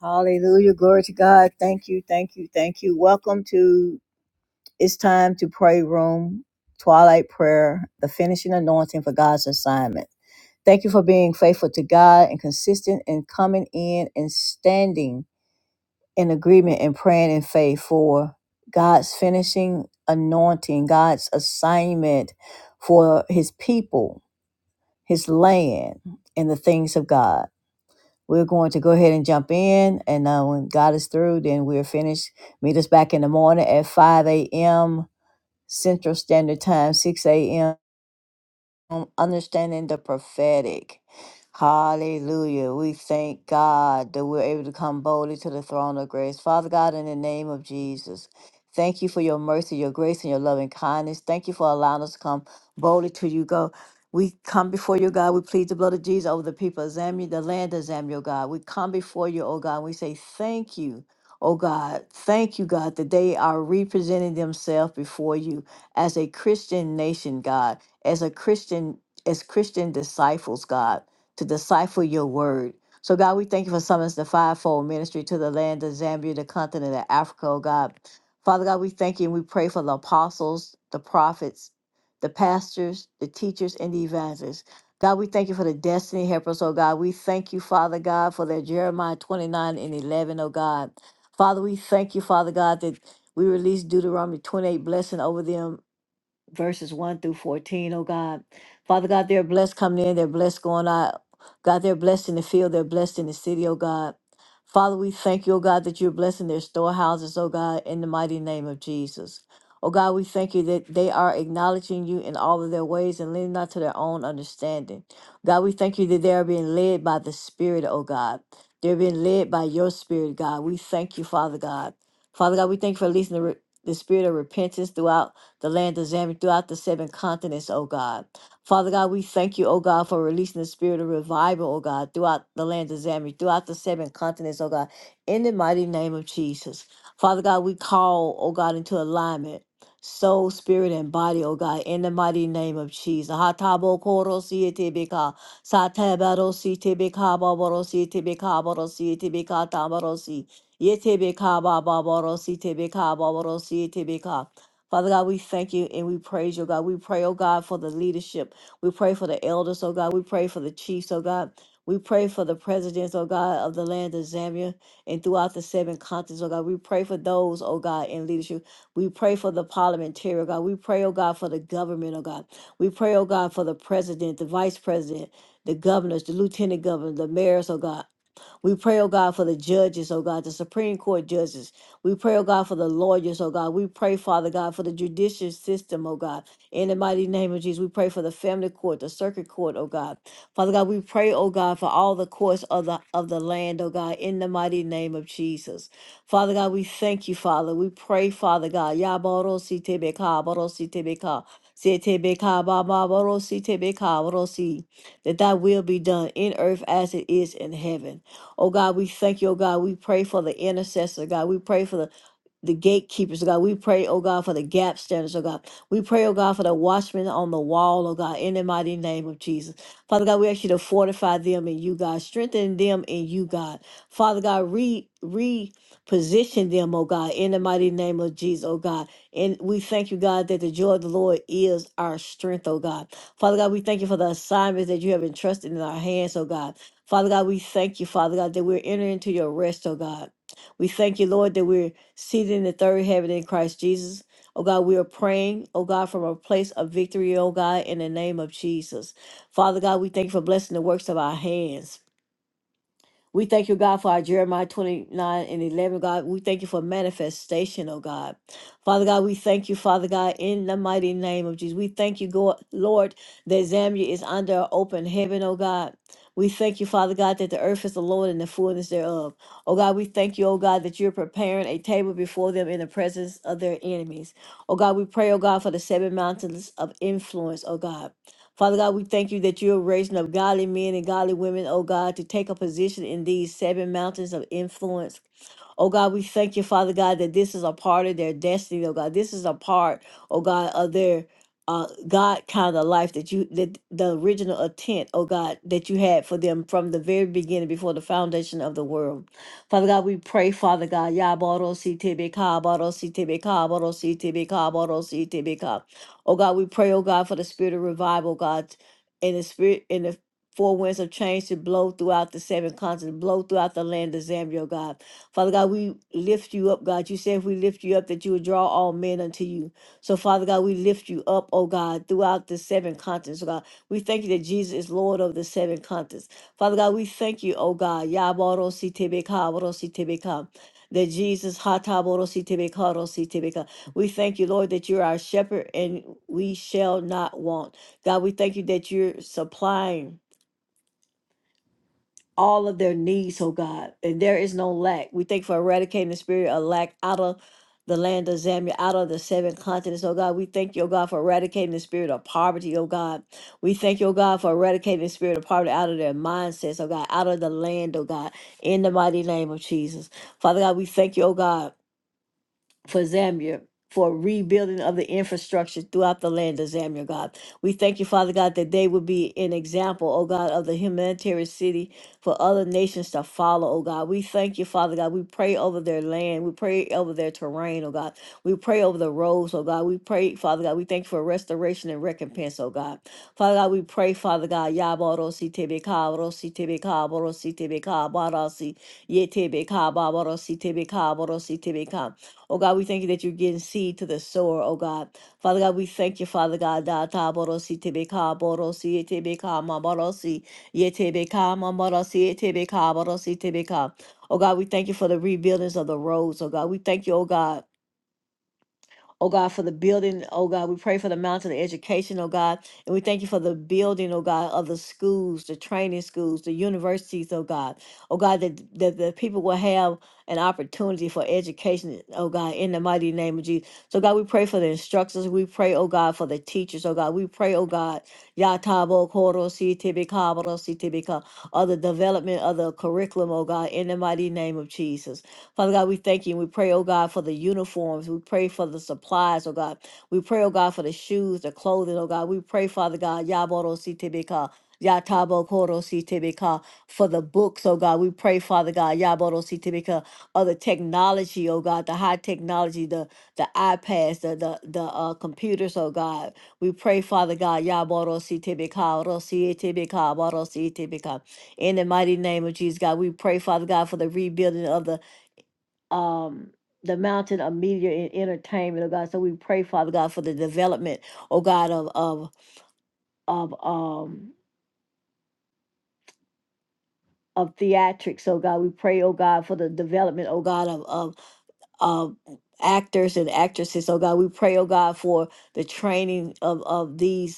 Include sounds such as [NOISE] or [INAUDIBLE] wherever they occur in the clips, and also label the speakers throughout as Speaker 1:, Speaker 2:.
Speaker 1: Hallelujah. Glory to God. Thank you. Thank you. Thank you. Welcome to It's Time to Pray Room, Twilight Prayer, the finishing anointing for God's assignment. Thank you for being faithful to God and consistent in coming in and standing in agreement and praying in faith for God's finishing anointing, God's assignment for his people, his land, and the things of God. We're going to go ahead and jump in, and uh, when God is through, then we're finished. Meet us back in the morning at 5 a.m. Central Standard Time, 6 a.m um, understanding the prophetic. Hallelujah. We thank God that we're able to come boldly to the throne of grace. Father God, in the name of Jesus, thank you for your mercy, your grace, and your loving kindness. Thank you for allowing us to come boldly to you. Go. We come before you, God. We plead the blood of Jesus over the people of Zambia, the land of Zambia, oh God. We come before you, oh God, and we say thank you. Oh God, thank you, God, that they are representing themselves before you as a Christian nation, God as a Christian, as Christian disciples, God, to decipher your word. So, God, we thank you for summons the fivefold ministry to the land of Zambia, the continent of Africa, oh God. Father God, we thank you and we pray for the apostles, the prophets, the pastors, the teachers, and the evangelists. God, we thank you for the destiny helpers, oh God. We thank you, Father God, for their Jeremiah 29 and 11, oh God. Father, we thank you, Father God, that we release Deuteronomy 28 blessing over them verses 1 through 14, oh God. Father God, they're blessed coming in, they're blessed going out. God, they're blessed in the field, they're blessed in the city, oh God. Father, we thank you, oh God, that you're blessing their storehouses, oh God, in the mighty name of Jesus. Oh God, we thank you that they are acknowledging you in all of their ways and leaning not to their own understanding. God, we thank you that they are being led by the Spirit, oh God. They're being led by your Spirit, God. We thank you, Father God. Father God, we thank you for releasing the, re- the spirit of repentance throughout the land of Zambia, throughout the seven continents, oh God. Father God, we thank you, oh God, for releasing the spirit of revival, oh God, throughout the land of Zambia, throughout the seven continents, oh God, in the mighty name of Jesus. Father God, we call, oh God, into alignment. Soul, spirit, and body, oh God, in the mighty name of Jesus. Hatabo koro sietebeka, satabaro sietebeka, babaro sietebeka, babaro sietebeka, tamaro si, yetebeka, babaro sietebeka, babaro sietebeka. Father God, we thank you and we praise you, God. We pray, oh God, for the leadership. We pray for the elders, oh God. We pray for the chiefs, oh God. We pray for the presidents, oh God, of the land of Zambia and throughout the seven continents, oh God. We pray for those, oh God, in leadership. We pray for the parliamentary, oh God. We pray, oh God, for the government, oh God. We pray, oh God, for the president, the vice president, the governors, the lieutenant governor, the mayors, oh God. We pray, oh God, for the judges, oh God, the Supreme Court judges. We pray, oh God, for the lawyers, oh God. We pray, Father God, for the judicial system, oh God. In the mighty name of Jesus, we pray for the family court, the circuit court, oh God. Father God, we pray, oh God, for all the courts of the of the land, oh God, in the mighty name of Jesus. Father God, we thank you, Father. We pray, Father God. Yaborosi tebeka, borosi tebeka, se tebeka, ba ba borosi tebeka, borosi. That thy will be done in earth as it is in heaven. Oh God, we thank you, oh God. We pray for the intercessor, God. We pray for the the gatekeepers, oh God. We pray, oh God, for the gap standards, oh God. We pray, oh God, for the watchmen on the wall, oh God, in the mighty name of Jesus. Father God, we ask you to fortify them in you, God. Strengthen them in you, God. Father God, re reposition them, oh God, in the mighty name of Jesus, oh God. And we thank you, God, that the joy of the Lord is our strength, oh God. Father God, we thank you for the assignments that you have entrusted in our hands, oh God. Father God, we thank you, Father God, that we're entering into your rest, oh God. We thank you, Lord, that we're seated in the third heaven in Christ Jesus. Oh God, we are praying, oh God, from a place of victory, oh God, in the name of Jesus. Father God, we thank you for blessing the works of our hands. We thank you, God, for our Jeremiah 29 and 11, God. We thank you for manifestation, oh God. Father God, we thank you, Father God, in the mighty name of Jesus. We thank you, Go- Lord, that Zambia is under an open heaven, oh God. We thank you, Father God, that the earth is the Lord and the fullness thereof. Oh God, we thank you, oh God, that you're preparing a table before them in the presence of their enemies. Oh God, we pray, oh God, for the seven mountains of influence, oh God. Father God, we thank you that you are raising up godly men and godly women, oh God, to take a position in these seven mountains of influence. Oh God, we thank you, Father God, that this is a part of their destiny, oh God. This is a part, oh God, of their uh, God kind of life that you that the original intent, oh God, that you had for them from the very beginning before the foundation of the world. Father God, we pray, Father God, Yaboro si tebe ka, boro si tebe ka, boro si tebe ka, boro si tebe ka. Oh God, we pray, oh God, for the spirit of revival, God, and the spirit and the four winds of change to blow throughout the seven continents, blow throughout the land of Zambia, oh God. Father God, we lift you up, God. You said if we lift you up, that you would draw all men unto you. So, Father God, we lift you up, oh God, throughout the seven continents, oh God. We thank you that Jesus is Lord of the seven continents. Father God, we thank you, oh God. Yabarosi tebeka, barosi tebeka. That Jesus, hataborosi tebeka, rosi tebeka. we thank you, Lord, that you're our shepherd and we shall not want. God, we thank you that you're supplying all of their needs, oh God. And there is no lack. We thank you for eradicating the spirit of lack out of the land of Zambia, out of the seven continents, oh God. We thank you, oh God, for eradicating the spirit of poverty, oh God. We thank you, oh God, for eradicating the spirit of poverty out of their mindsets, oh God, out of the land, oh God, in the mighty name of Jesus. Father God, we thank you, oh God for Zambia for rebuilding of the infrastructure throughout the land of Zambia, God. We thank you, Father God, that they would be an example, oh God, of the humanitarian city for other nations to follow, oh God. We thank you, Father God. We pray over their land. We pray over their terrain, oh God. We pray over the roads, oh God. We pray, Father God. We thank you for restoration and recompense, oh God. Father God, we pray, Father God, Yaborosi Tebeka, Rosi Tebeka, Borosi Tebeka, Barasi, Yetebeka, Baborosi Tebeka, Borosi Tebeka. Oh God, we thank you that you're getting seed to the sower, oh God. Father God, we thank you, Father God. Da ta borosi tebe ka borosi tebe ka ma borosi ye tebe ka ma borosi tebe ka borosi tebe ka. Oh God, we thank you for the rebuildings of the roads, oh God. We thank you, oh God Oh God, for the building, oh God, we pray for the mountain of education, oh God, and we thank you for the building, oh God, of the schools, the training schools, the universities, oh God, oh God, that, that the people will have an opportunity for education, oh God, in the mighty name of Jesus. So God, we pray for the instructors, we pray, oh God, for the teachers, oh God, we pray, oh God, Yatabo Koro Si Tibika Boro Si Tibika, of the development of the curriculum, oh God, in the mighty name of Jesus. Father God, we thank you and we pray, oh God, for the uniforms. We pray for the supplies, oh God. We pray, oh God, for the shoes, the clothing, oh God. We pray, Father God, Yaboro Sitibika. Yatabo Koro Sitibika for the books, oh God. We pray, Father God, Yaboro Sitibika, of the technology, oh God, the high technology, the the iPads, the the, the uh, computers, oh God. We pray, Father God, Yaboro Sitibika, Rosi Tibika, Boro Sitibika. In the mighty name of Jesus, God, we pray, Father God, for the rebuilding of the um the mountain of media and entertainment, oh God. So we pray, Father God, for the development, oh God, of of of um of theatrics, oh God. We pray, oh God, for the development, oh God, of of of actors and actresses, oh God. We pray, oh God, for the training of of these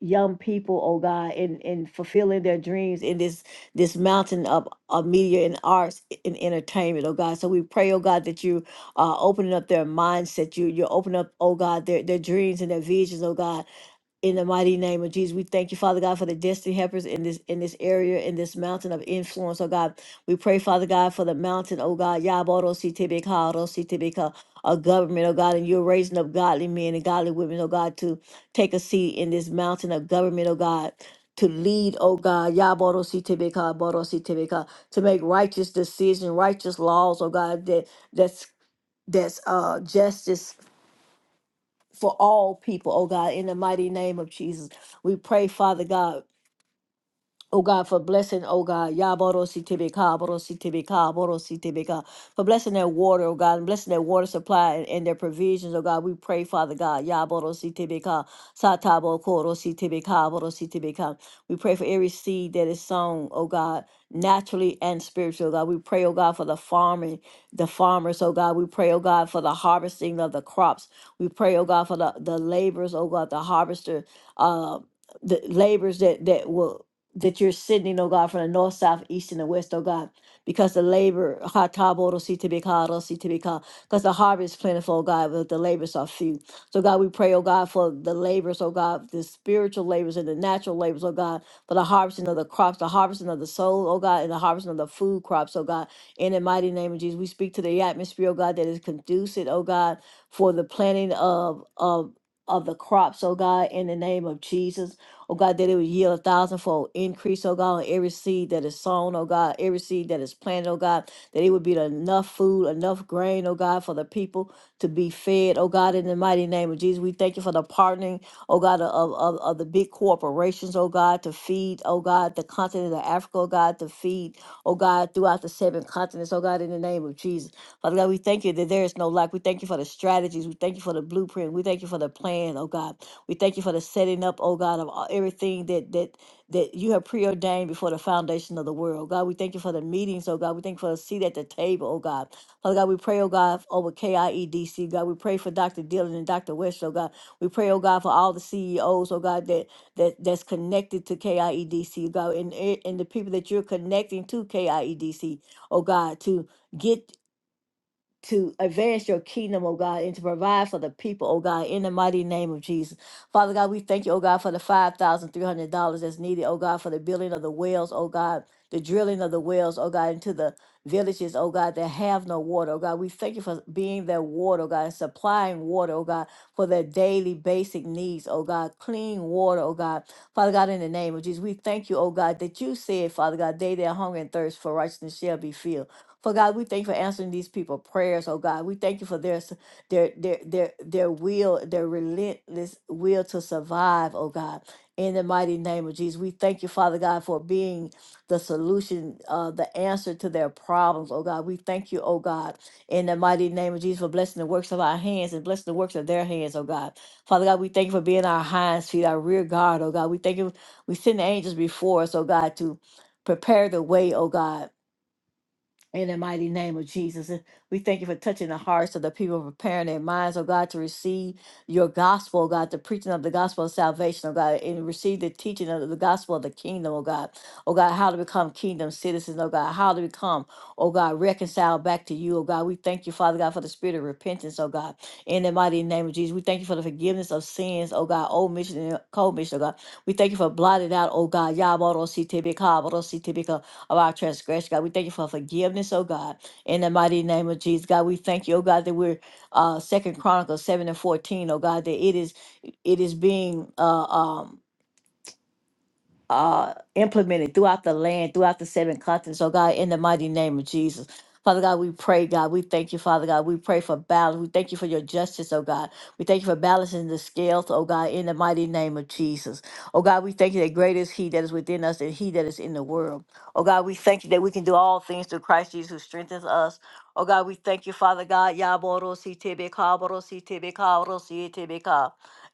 Speaker 1: young people, oh God, in, in fulfilling their dreams in this this mountain of, of media and arts and entertainment, oh God. So we pray, oh God, that you are opening up their mindset. You you're opening up, oh God, their, their dreams and their visions, oh God in the mighty name of Jesus, we thank you, Father God, for the destiny helpers in this in this area, in this mountain of influence, oh God. We pray, Father God, for the mountain, oh God, Yaboro Sitibika, Rositibika, a government, oh God, and you're raising up godly men and godly women, oh God, to take a seat in this mountain of government, oh God. To lead, oh God, Yaboro Sitibika, Boro Sitibika, to make righteous decisions, righteous laws, oh God, that that's that's uh justice for all people, oh God, in the mighty name of Jesus. We pray, Father God. Oh God, for blessing, oh God, Yaborosi Tibika, Borosi Tibika, Borosi Tibika, for blessing their water, oh God, and blessing their water supply and, and their provisions, oh God. We pray, Father God, Yaborosi Tibika, Satabo Korosi Tibika, Borosi Tibika. We pray for every seed that is sown, oh God, naturally and spiritual, God. We pray, oh God, for the farming, the farmers, oh God. We pray, oh God, for the harvesting of the crops. We pray, oh God, for the, the laborers, oh God, the harvester, uh, the labors that that will that you're sending, oh God, from the north, south, east, and the west, oh God, because the labor, ha ta bo do si te be ka do si te be ka, because the harvest is plentiful, oh God, but the labors are few. So, God, we pray, oh God, for the labors, oh God, the spiritual labors and the natural labors, oh God, for the harvesting of the crops, the harvesting of the soul, oh God, and the harvesting of the food crops, oh God. In the mighty name of Jesus, we speak to the atmosphere, oh God, that is conducive, oh God, for the planting of, of, of the crops, oh God, in the name of Jesus. Oh God, that it would yield a thousandfold increase, oh God, on every seed that is sown, oh God, every seed that is planted, oh God, that it would be enough food, enough grain, oh God, for the people to be fed, oh God, in the mighty name of Jesus. We thank you for the partnering, oh God, of, of, of the big corporations, oh God, to feed, oh God, the continent of Africa, oh God, to feed, oh God, throughout the seven continents, oh God, in the name of Jesus. Father God, we thank you that there is no lack. We thank you for the strategies. We thank you for the blueprint. We thank you for the plan, oh God. We thank you for the setting up, oh God, of all, everything that that that you have preordained before the foundation of the world. God, we thank you for the meetings, oh God. We thank you for the seat at the table, oh God. Father God, we pray, oh God, over KIEDC. God, we pray for Dr. Dillon and Dr. West, oh God. We pray, oh God, for all the CEOs, oh God, that that that's connected to KIEDC, God, and and the people that you're connecting to KIEDC, oh God, to get to advance your kingdom, oh God, and to provide for the people, oh God, in the mighty name of Jesus. Father God, we thank you, oh God, for the $5,300 that's needed, oh God, for the building of the wells, oh God, the drilling of the wells, oh God, into the villages, oh God, that have no water, oh God. We thank you for being their water, oh God, and supplying water, oh God, for their daily basic needs, oh God, clean water, oh God. Father God, in the name of Jesus, we thank you, oh God, that you said, Father God, they that hunger and thirst for righteousness shall be filled. For God, we thank you for answering these people prayers, oh God. We thank you for their s- their their their their will, their relentless will to survive, oh God. In the mighty name of Jesus, we thank you, Father God, for being the solution, uh, the answer to their problems, oh God. We thank you, oh God, in the mighty name of Jesus, for blessing the works of our hands and blessing the works of their hands, oh God. Father God, we thank you for being our hinds feet, our rear guard, oh God. We thank you. We send the angels before us, oh God, to prepare the way, oh God in the mighty name of Jesus, And we thank you for touching the hearts of the people, preparing their minds, oh God, to receive your gospel, oh God, the preaching of the gospel of salvation, oh God, and receive the teaching of the gospel of the kingdom, oh God, oh God, how to become kingdom citizens, oh God, how to become, oh God, reconciled back to you, oh God. We thank you, Father God, for the spirit of repentance, oh God, in the mighty name of Jesus. We thank you for the forgiveness of sins, oh God, old mission and cold mission, oh God. We thank you for blotted out, oh God, Yaboro of our transgression. God, we thank you for forgiveness, oh God. In the mighty name of Jesus, God, we thank you, oh God, that we're uh Second Chronicles 7 and 14, oh God, that it is it is being uh um uh, implemented throughout the land, throughout the seven continents. Oh God, in the mighty name of Jesus. Father God, we pray, God. We thank you, Father God. We pray for balance. We thank you for your justice, oh God. We thank you for balancing the scales, oh God, in the mighty name of Jesus. Oh God, we thank you that greater is He that is within us than He that is in the world. Oh God, we thank you that we can do all things through Christ Jesus who strengthens us. Oh God, we thank you, Father God. Yaboro si tebe kaboro si tebe kaboro si tebe ka.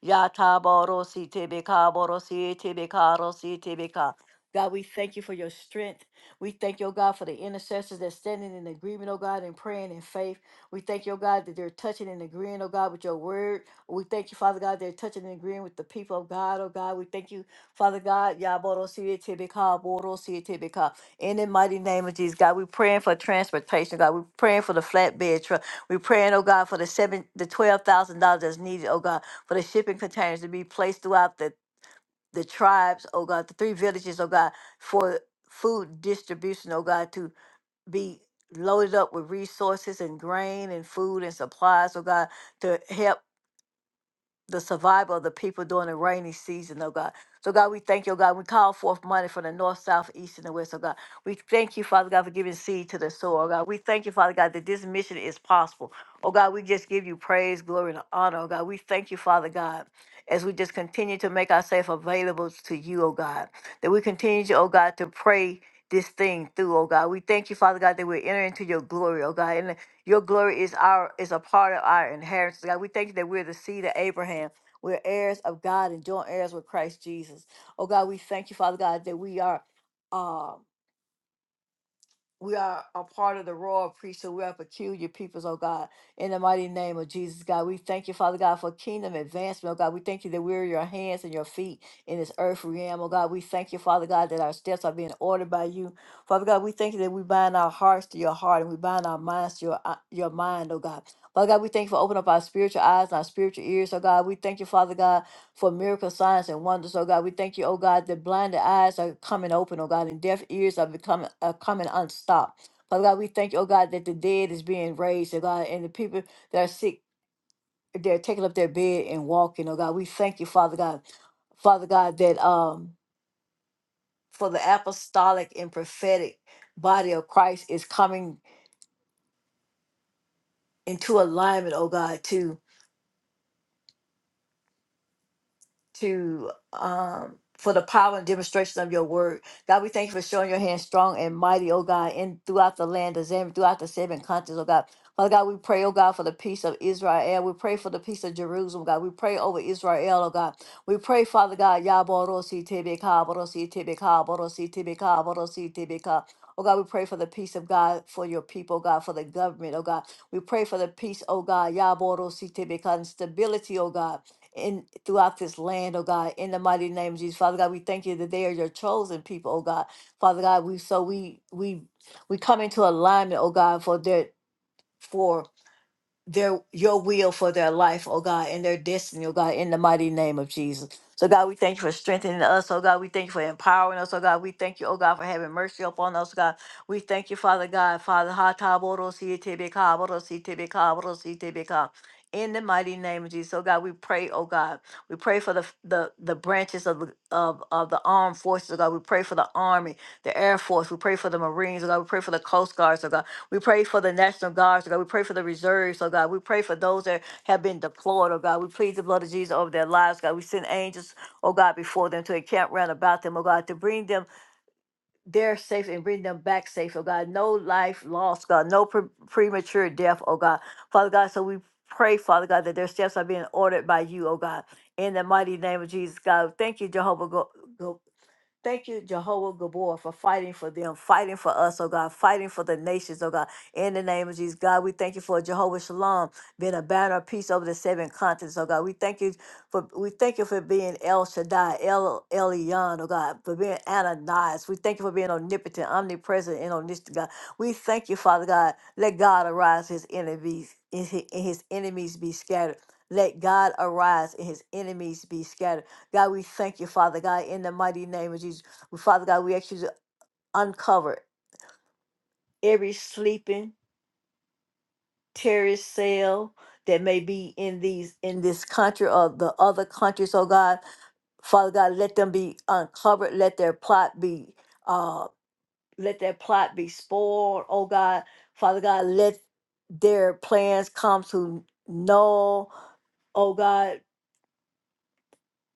Speaker 1: Yata borosi tebeka borosi tebeka rosi tebeka. God, we thank you for your strength. We thank you, oh God, for the intercessors that's standing in agreement, oh God, and praying in faith. We thank you, oh God, that they're touching and agreeing, oh God, with your word. We thank you, Father God, they're touching and agreeing with the people of God, oh God. We thank you, Father God. Ya borosi tebeka borosi tebeka. In the mighty name of Jesus, God, we're praying for transportation, God. We're praying for the flatbed truck. We're praying, oh God, for the seven, the twelve thousand dollars that's needed, oh God for the shipping containers to be placed throughout the, the tribes, oh God, the three villages, oh God, for food distribution, oh God, to be loaded up with resources and grain and food and supplies, oh God, to help the survival of the people during the rainy season, oh God. So, God, we thank you, oh God. We call forth money from the north, south, east, and the west, oh God. We thank you, Father God, for giving seed to the soil, oh God. We thank you, Father God, that this mission is possible. Oh God, we just give you praise, glory, and honor, oh God. We thank you, Father God, as we just continue to make ourselves available to you, oh God. That we continue, to, oh God, to pray this thing through, oh God. We thank you, Father God, that we enter into your glory, oh God. Your glory is our is a part of our inheritance. God, we thank you that we're the seed of Abraham. We're heirs of God and joint heirs with Christ Jesus. Oh God, we thank you, Father God, that we are. um we are a part of the royal priesthood. We are peculiar peoples, oh God. In the mighty name of Jesus, God, we thank you, Father God, for kingdom advancement, oh God. We thank you that we're your hands and your feet in this earth realm, oh God. We thank you, Father God, that our steps are being ordered by you. Father God, we thank you that we bind our hearts to your heart and we bind our minds to your, uh, your mind, oh God. Father God, we thank you for opening up our spiritual eyes and our spiritual ears, oh God. We thank you, Father God for miracle signs and wonders, oh God. We thank you, oh God, that blinded eyes are coming open, oh God, and deaf ears are becoming are coming unstopped. Father God, we thank you, oh God, that the dead is being raised, oh God, and the people that are sick, they're taking up their bed and walking, oh God. We thank you, Father God. Father God, that um for the apostolic and prophetic body of Christ is coming into alignment, oh God, to um for the power and demonstration of your word. God, we thank you for showing your hand strong and mighty, oh God, in throughout the land of Zambia, throughout the seven continents, oh God. Father God, we pray, oh God, for the peace of Israel. We pray for the peace of Jerusalem, God. We pray over Israel, oh God. We pray, Father God, Yaborosi Tebeka, Borosi Tebeka, Borosi Tebeka, Borosi Tebeka. Oh God, we pray for the peace of God for your people, oh God, for the government, oh God. We pray for the peace, oh God, Yaborosi Tebeka, and stability, oh God in throughout this land, oh God, in the mighty name of Jesus. Father God, we thank you that they are your chosen people, oh God. Father God, we so we we we come into alignment, oh God, for that for their your will for their life, oh God, and their destiny, oh God, in the mighty name of Jesus. So God, we thank you for strengthening us, oh God. We thank you for empowering us, oh God. We thank you, oh God, for having mercy upon us, God. We thank you, Father God, Father. ha ta bo ro si te be ka, bo ro si te be ka, bo ro si te be ka. In the mighty name of Jesus, oh God, we pray, oh God, we pray for the the, the branches of the of, of the armed forces, oh God. We pray for the army, the air force. We pray for the marines, oh God. We pray for the coast guards, oh God. We pray for the National Guards, oh God. We pray for the reserves, oh God. We pray for those that have been deployed, oh God. We plead the blood of Jesus over their lives, God. We send angels, oh God, before them to encamp round about them, oh God, to bring them there safe and bring them back safe, oh God. No life lost, God. No pre- premature death, oh God. Father God, so we pray, Father God, that their steps are being ordered by you, oh God. In the mighty name of Jesus, God. Thank you, Jehovah. Thank you, Jehovah Gabor, for fighting for them, fighting for us, oh God, fighting for the nations, oh God. In the name of Jesus, God, we thank you for Jehovah Shalom being a banner of peace over the seven continents, oh God. We thank you for we thank you for being El Shaddai, El Elyon, oh God, for being Ananias. We thank you for being omnipotent, omnipresent, and omniscient, God. We thank you, Father God. Let God arise, His enemies, and His and his enemies be scattered. Let God arise, and His enemies be scattered. God, we thank you, Father God, in the mighty name of Jesus. Well, Father God, we ask you to uncover every sleeping terrorist cell that may be in these in this country or the other countries, oh God. Father God, let them be uncovered. Let their plot be uh let their plot be spoiled, oh God. Father God, let their plans come to null, oh God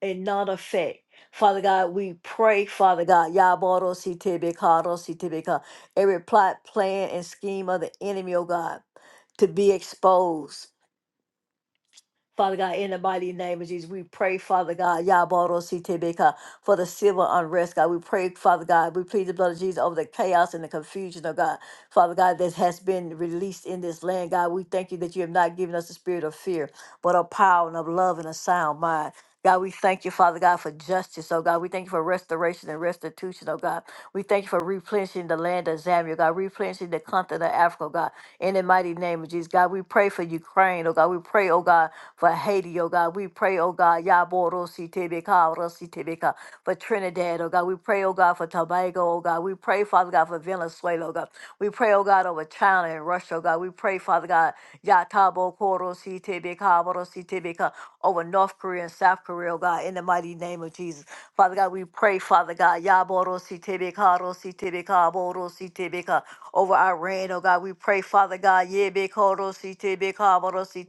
Speaker 1: and not affect, Father God, we pray, Father God, Yaboro Sitibikaro Sitibika, every plot, plan, and scheme of the enemy, oh God, to be exposed. Father God, in the mighty name of Jesus, we pray, Father God, Yaboro Sitebeka, for the civil unrest, God. We pray, Father God, we plead the blood of Jesus over the chaos and the confusion, oh God. Father God, that has been released in this land, God. We thank you that you have not given us the spirit of fear, but of power and of love and a sound mind. God, we thank you, Father God, for justice, oh God. We thank you for restoration and restitution, oh God. We thank you for replenishing the land of Zambia, God, replenishing the continent of Africa, oh God. In the mighty name of Jesus, God, we pray for Ukraine, oh God. We pray, oh God, for Haiti, oh God. We pray, oh God, Yaborosi Tebeka, Rosi Tebeka, for Trinidad, oh God. We pray, oh God, for Tobago, oh God. We pray, Father God, for Venezuela, oh God. We pray, oh God, over China and Russia, oh God. We pray, Father God, Yatabo Korosi Tebeka, Rosi Tebeka, over North Korea and South Korea, oh God, in the mighty name name of Jesus. Father God, we pray, Father God, Yaborositebeka, borosi Borositebeka, over Iran, oh God. We pray, Father God, Yebeko, Rositebeka, borosi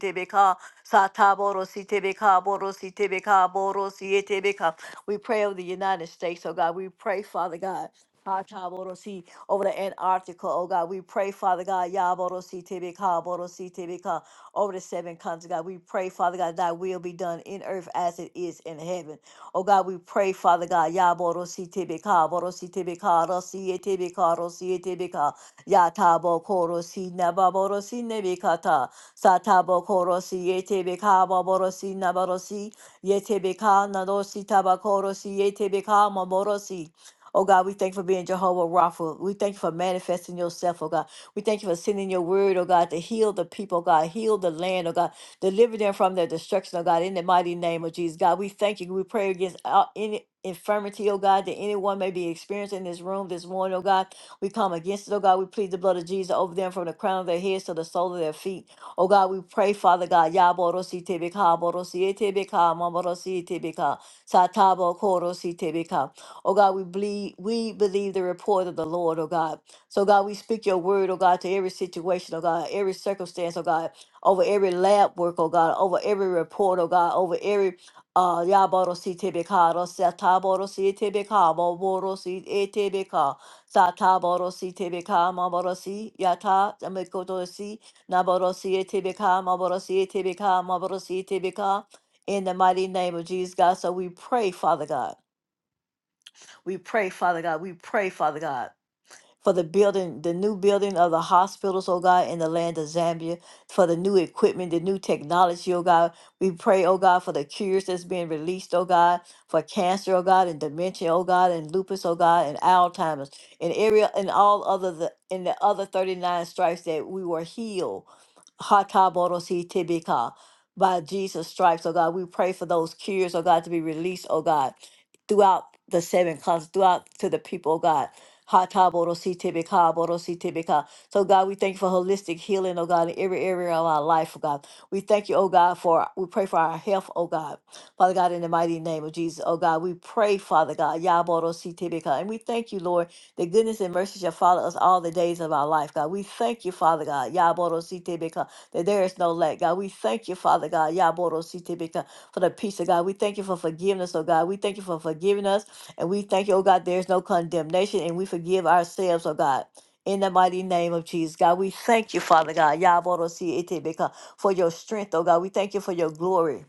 Speaker 1: Sataborositebeka, borosi Borosietebeka. We pray over the United States, oh God. We pray, Father God. Hatabodosi, Over the Antarctica, oh God, we pray, Father God, Yaborosi Tebeka, borosi Borositebeka, over the seven continents, oh God. We pray, Father God, thy will be done in earth as it is in heaven. Oh God, we pray, Father God, Yaboro borosi tibika, Boro si tibika, Rosi etibika, Rosi etibika, Yatabo koro si nababoro si nebikata, Satabo koro si etibika, Baboro si naborosi, Yetibika, Nadosi tabakoro si etibika, Maborosi. Oh God, we thank you for being Jehovah Rapha. We thank you for manifesting yourself, oh God. We thank you for sending your word, oh God, to heal the people, oh, God, heal the land, oh God. Deliver them from their destruction, oh God, in the mighty name of Jesus. God, we thank you. We pray against all, any infirmity, oh God, that anyone may be experiencing in this room this morning, oh God. We come against it, oh God. We plead the blood of Jesus over them from the crown of their heads to the sole of their feet. Oh God, we pray, Father God. Yaborosi tebeka, borosi etebeka, mamorosi etebeka, satabo korosi tebeka. Oh God, we believe, we believe the report of the Lord, oh God. So God, we speak your word, oh God, to every situation, oh God, every circumstance, oh God over every lab work, oh God, over every report, oh God, over every uh Yaboro si tebekaro sataboro si tebekamo boro si etebeka sataboro si tebekama boro si yata amekoto si naboro si etebekama boro si etebekama boro si tebeka in the mighty name of Jesus God so we pray Father God we pray Father God we pray Father God for the building, the new building of the hospitals, oh God, in the land of Zambia, for the new equipment, the new technology, oh God. We pray, oh God, for the cures that's being released, oh God, for cancer, oh God, and dementia, oh God, and lupus, oh God, and Alzheimer's, and area and all other the in the other 39 stripes that we were healed. Hatabodosi tibika. By Jesus' stripes, oh God, we pray for those cures, oh God, to be released, oh God, throughout the seven continents, throughout to the people, oh God. Ha ta bo ro si si So, God, we thank you for holistic healing, oh God, in every area of our life, oh God. We thank you, oh God, for we pray for our health, oh God. Father God, in the mighty name of Jesus, oh God, we pray, Father God, Ya bo ro si and we thank you, Lord, that goodness and mercy shall follow us all the days of our life, God. We thank you, Father God, Ya bo ro si that there is no lack, God. We thank you, Father God, Ya bo ro si for the peace of God. We thank you for forgiveness, oh God. We thank you for forgiving us. And we thank you, oh God, there's no condemnation, and we forgive ourselves, oh God. In the mighty name of Jesus, God, we thank you, Father God, Yaborosi Etebeka, for your strength, oh God. We thank you for your glory.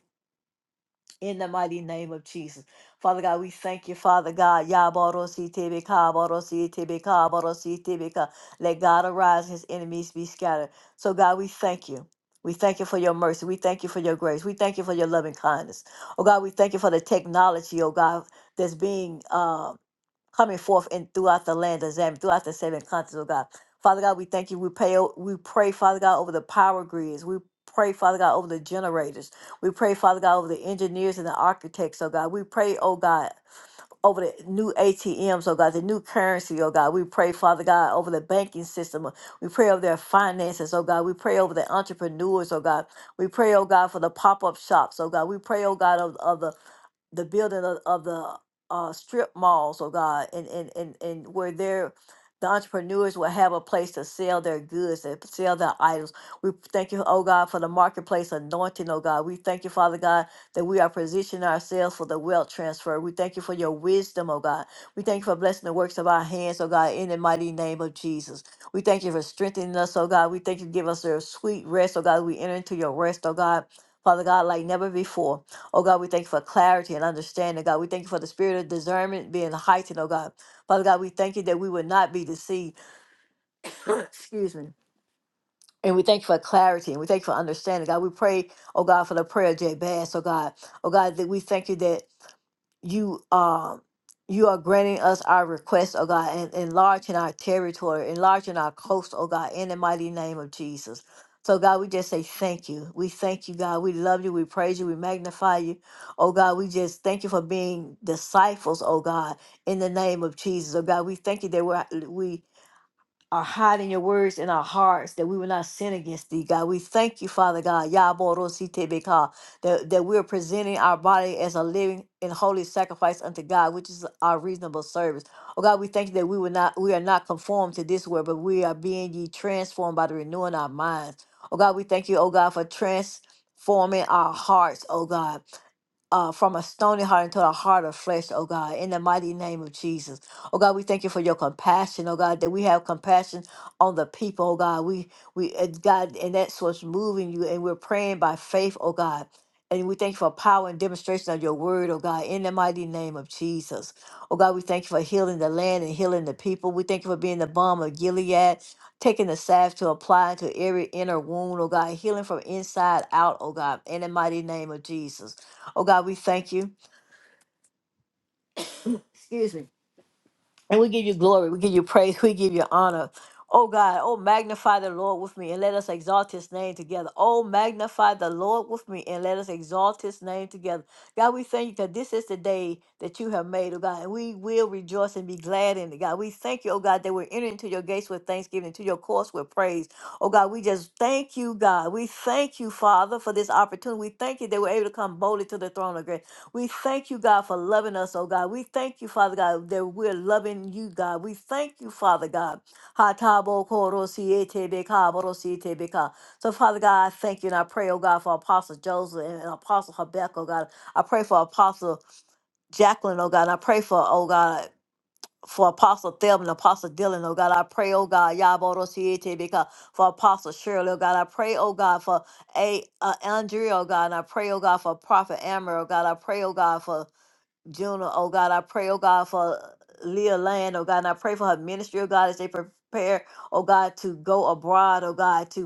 Speaker 1: In the mighty name of Jesus. Father God, we thank you, Father God. Yaborosi Tebeka, Borosi Tebeka, Borosi Tebeka. Let God arise, his enemies be scattered. So, God, we thank you. We thank you for your mercy. We thank you for your grace. We thank you for your loving kindness. Oh God, we thank you for the technology, oh God, that's being uh coming forth and throughout the land of Zam, throughout the seven continents, oh God. Father God, we thank you. We pay. we pray, Father God, over the power grids. We pray, Father God, over the generators. We pray, Father God, over the engineers and the architects, oh God. We pray, oh God. Over the new ATMs, oh God, the new currency, oh God. We pray, Father God, over the banking system. We pray over their finances, oh God. We pray over the entrepreneurs, oh God. We pray, oh God, for the pop up shops, oh God. We pray, oh God, of, of the the building of, of the uh, strip malls, oh God, and, and, and, and where they're, the entrepreneurs will have a place to sell their goods and sell their items. We thank you, oh God, for the marketplace anointing, oh God. We thank you, Father God, that we are positioning ourselves for the wealth transfer. We thank you for your wisdom, oh God. We thank you for blessing the works of our hands, oh God, in the mighty name of Jesus. We thank you for strengthening us, oh God. We thank you, give us your sweet rest, oh God. We enter into your rest, oh God, Father God, like never before. Oh God, we thank you for clarity and understanding. God, we thank you for the spirit of discernment being heightened. Oh God, Father God, we thank you that we would not be deceived. [CLEARS THROAT] Excuse me. And we thank you for clarity and we thank you for understanding. God, we pray, oh God, for the prayer of Jabez. Oh God, oh God, that we thank you that you um you are granting us our request, oh God, and enlarging our territory, enlarging our coast, oh God, in the mighty name of Jesus. So God, we just say thank you. We thank you, God. We love you. We praise you. We magnify you. Oh God, we just thank you for being disciples, oh God, in the name of Jesus. Oh God, we thank you that we're we are hiding your words in our hearts that we will not sin against thee, God. We thank you, Father God, Yaborositebeka, that, that we are presenting our body as a living and holy sacrifice unto God, which is our reasonable service. Oh God, we thank you that we will not we are not conformed to this world, but we are being ye transformed by the renewing our minds. Oh God, we thank you, oh God, for transforming our hearts, oh God uh, from a stony heart into a heart of flesh, oh God, in the mighty name of Jesus. Oh God, we thank you for your compassion, oh God, that we have compassion on the people, oh God. We, we, uh, God, and that's what's moving you, and we're praying by faith, oh God. And we thank you for power and demonstration of your word, oh God, in the mighty name of Jesus. Oh God, we thank you for healing the land and healing the people. We thank you for being the balm of Gilead, taking the salve to apply to every inner wound, oh God, healing from inside out, oh God, in the mighty name of Jesus. Oh God, we thank you. Excuse me. And we give you glory. We give you praise. We give you honor. Oh God, oh magnify the Lord with me and let us exalt his name together. Oh magnify the Lord with me and let us exalt his name together. God, we thank you that this is the day that you have made, oh God, and we will rejoice and be glad in it. God, we thank you, oh God, that we're entering into your gates with thanksgiving, into your courts with praise. Oh God, we just thank you, God. We thank you, Father, for this opportunity. We thank you that we're able to come boldly to the throne of grace. We thank you, God, for loving us, oh God. We thank you, Father God, that we're loving you, God. We thank you, Father God. Ha ta bo ko ro si e te be ka bo ro si e te be ka. So, Father God, I thank you and I pray, oh God, for Apostle Joseph and and Apostle Habakkuk, oh God. I pray for Apostle Jacqueline, oh God. And I pray for, oh God, for Apostle Thelma and Apostle Dylan, oh God. I pray, oh God, ya bo ro si e te be ka. for Apostle Shirley, oh God. I pray, oh God, for a uh, Andrea, oh God. And I pray, oh God, for Prophet Amber, oh God. I pray, oh God, for Juna, oh God, I pray, oh God, for Leah Land, oh God, and I pray for her ministry, oh God, as they prepare, oh God, to go abroad, oh God, to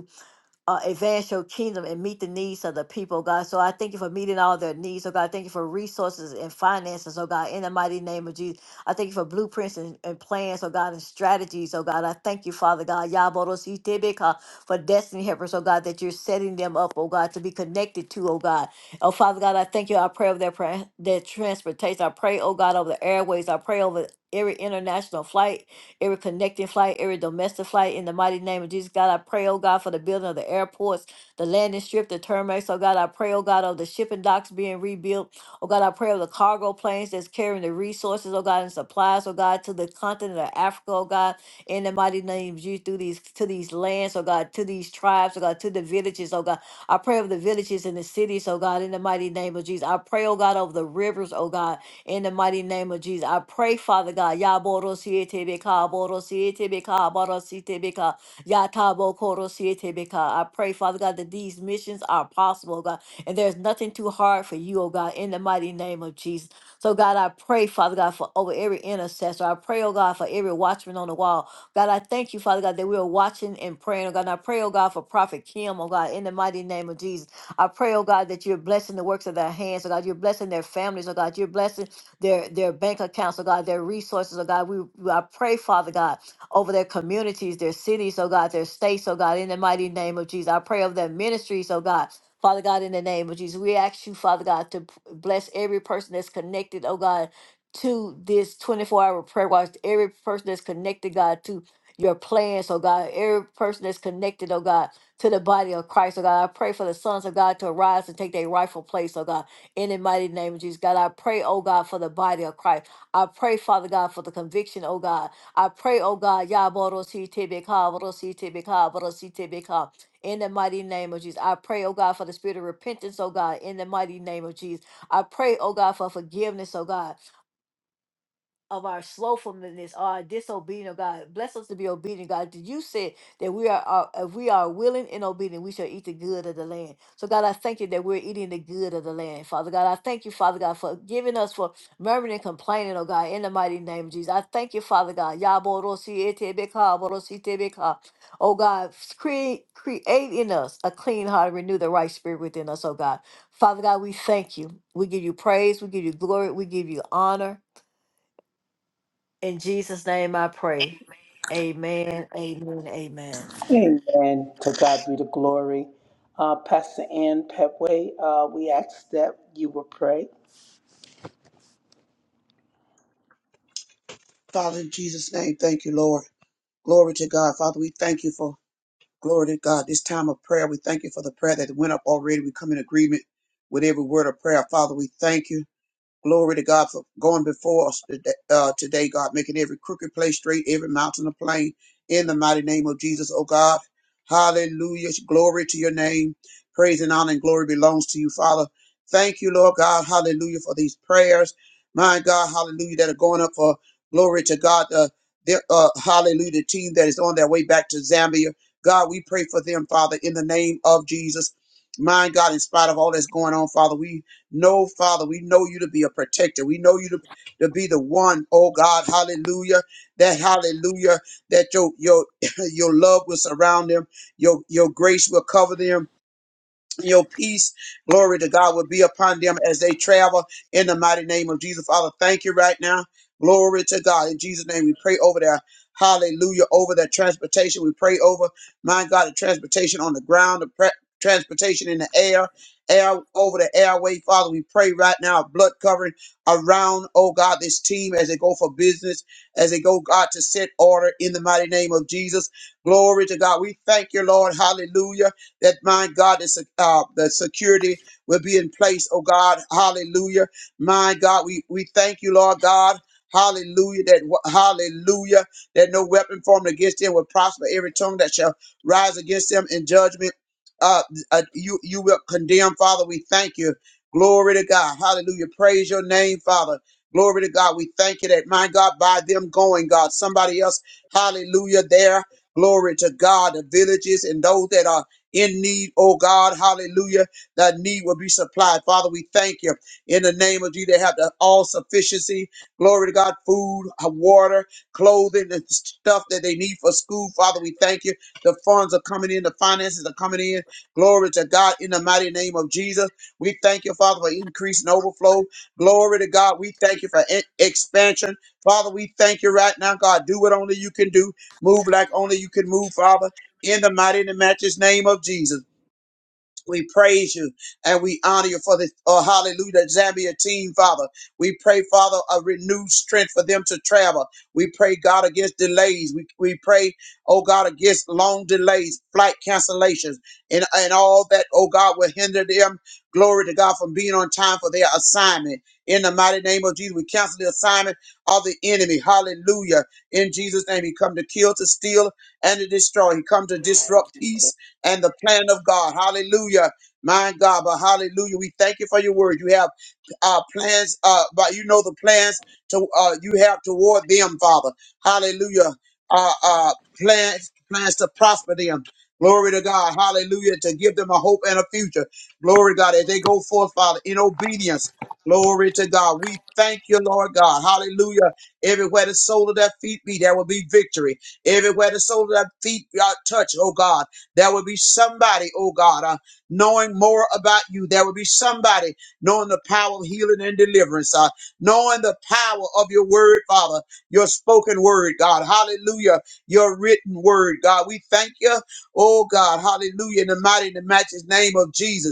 Speaker 1: uh, advance your kingdom and meet the needs of the people, oh God. So I thank you for meeting all their needs, oh God. Thank you for resources and finances, oh God, in the mighty name of Jesus. I thank you for blueprints and, and plans, oh God, and strategies, oh God. I thank you, Father God, Yaborositebeka, for destiny helpers, oh God, that you're setting them up, oh God, to be connected to, oh God. Oh Father God, I thank you. I pray over their, pra- their transportation. I pray, oh God, over the airways. I pray over every international flight every connecting flight, every domestic flight. In the mighty name of Jesus, God, I pray, oh God, for the building of the airports, the landing strip, the terminals. Oh God, I pray, oh God, of the shipping docks being rebuilt. Oh God, I pray of the cargo planes that's carrying the resources, oh God, and supplies, oh God, to the continent of Africa, oh God, in the mighty name of Jesus, through these to these lands, oh God, to these tribes, oh God, to the villages, oh God. I pray of the villages and the cities, oh God, in the mighty name of Jesus. I pray, oh God, over the rivers, oh God in the mighty name of Jesus. I pray, Father God, Yaborosietebeka, Borosietebeka, Borositebeka, Yatabokorosietebeka. I pray, Father God, that these missions are possible, oh God, and there's nothing too hard for you, oh God, in the mighty name of Jesus. So, God, I pray, Father God, for over every intercessor. I pray, oh God, for every watchman on the wall. God, I thank you, Father God, that we are watching and praying, oh God. And I pray, oh God, for Prophet Kim, oh God, in the mighty name of Jesus. I pray, oh God, that you're blessing the works of their hands, oh God. You're blessing their families, oh God. You're blessing their their bank accounts, oh God, their resources, oh God. We we- I pray, Father God, over their communities, their cities, oh God, their states, oh God, in the mighty name of Jesus. I pray over their ministries, oh God. Father God, in the name of Jesus, we ask you, Father God, to p- bless every person that's connected, oh God, to this 24 hour prayer watch, every person that's connected, God, to your plans, oh God, every person that's connected, oh God, to the body of Christ, oh God. I pray for the sons of God to arise and take their rightful place, oh God in the mighty name of Jesus. God, I pray, oh God, for the body of Christ. I pray, Father God, for the conviction, oh God. I pray, oh God, Yaborositebeka, borositebeka, borositebeka, in the mighty name of Jesus. I pray, oh God, for the spirit of repentance, oh God, in the mighty name of Jesus. I pray, oh God, for forgiveness, oh God of our slothfulness, our disobedient, oh God. Bless us to be obedient, God. You said that we are, are if we are willing and obedient, we shall eat the good of the land. So God, I thank you that we're eating the good of the land. Father God, I thank you, Father God, for giving us for murmuring and complaining, oh God, in the mighty name of Jesus. I thank you, Father God. Yaborosi etebeka, borosi tebeka. Oh God, create create in us a clean heart, renew the right spirit within us, oh God. Father God, we thank you. We give you praise, we give you glory, we give you honor. In Jesus' name I pray. Amen, amen, amen.
Speaker 2: Amen. To God be the glory. Uh, Pastor Ann Petway, uh, we ask that you will pray.
Speaker 3: Father, in Jesus' name, thank you, Lord. Glory to God. Father, we thank you for glory to God. This time of prayer, we thank you for the prayer that went up already. We come in agreement with every word of prayer. Father, we thank you. Glory to God for going before us today, uh, today, God, making every crooked place straight, every mountain a plain, in the mighty name of Jesus, oh God. Hallelujah. Glory to your name. Praise and honor and glory belongs to you, Father. Thank you, Lord God. Hallelujah for these prayers. My God, hallelujah, that are going up for glory to God. Uh, the, uh, hallelujah, the team that is on their way back to Zambia. God, we pray for them, Father, in the name of Jesus. My God, in spite of all that's going on, Father, we no, Father, we know you to be a protector. We know you to, to be the one, oh God, hallelujah. That hallelujah, that your your [LAUGHS] [CLEARS THROAT] your love will surround them, your your grace will cover them your peace, glory to God, will be upon them as they travel in the mighty name of Jesus. Father, thank you right now. Glory to God. In Jesus' name, we pray over their hallelujah, over their transportation. We pray over, my God, the transportation on the ground, the pre- transportation in the air, air over the airway. Father, we pray right now, a blood covering around, oh God, this team as they go for business, as they go, God, to set order in the mighty name of Jesus. Glory to God. We thank you, Lord. Hallelujah that my God, is uh, the security will be in place, oh God, hallelujah. My God, we, we thank you, Lord God. Hallelujah, that wa- hallelujah, that no weapon formed against them will prosper. Every tongue that shall rise against them in judgment, uh, uh, you you will condemn, Father. We thank you. Glory to God. Hallelujah. Praise your name, Father. Glory to God. We thank you that, my God, by them going, God, somebody else, hallelujah, there. Glory to God, the villages and those that are in need, oh God, hallelujah, that need will be supplied. Father, we thank you in the name of Jesus. They have the all sufficiency, glory to God, food, uh, water, clothing, the stuff that they need for school. Father, we thank you. The funds are coming in, the finances are coming in. Glory to God in the mighty name of Jesus. We thank you, Father, for increase and overflow. Glory to God. We thank you for e- expansion. Father, we thank you right now, God. Do what only you can do. Move like only you can move, Father in the mighty and matchless name of Jesus. We praise you and we honor you for the uh, hallelujah Zambia team, Father. We pray, Father, a renewed strength for them to travel. We pray, God, against delays. We, we pray, oh God, against long delays, flight cancellations, and, and all that, oh God, will hinder them. Glory to God from being on time for their assignment. In the mighty name of Jesus, we cancel the assignment of the enemy. Hallelujah. In Jesus' name, he come to kill, to steal, and to destroy. He come to
Speaker 2: Thank
Speaker 3: disrupt
Speaker 2: you,
Speaker 3: peace
Speaker 2: Tim.
Speaker 3: and the plan of God. Hallelujah. My God, but hallelujah. We thank you for your word. You have uh, plans, uh, but you know the plans to uh, you have toward them, Father. Hallelujah. Uh, uh, plans, plans to prosper them. Glory to God. Hallelujah. To give them a hope and a future. Glory to God. As they go forth, Father, in obedience. Glory to God. We thank you, Lord God. Hallelujah. Everywhere the sole of their feet be, there will be victory. Everywhere the sole of their feet are touched, oh God. There will be somebody, oh God, uh, knowing more about you. There will be somebody knowing the power of healing and deliverance, uh, knowing the power of your word, Father, your spoken word, God. Hallelujah. Your written word, God. We thank you, oh God. Hallelujah. In the mighty and the matchless name of Jesus.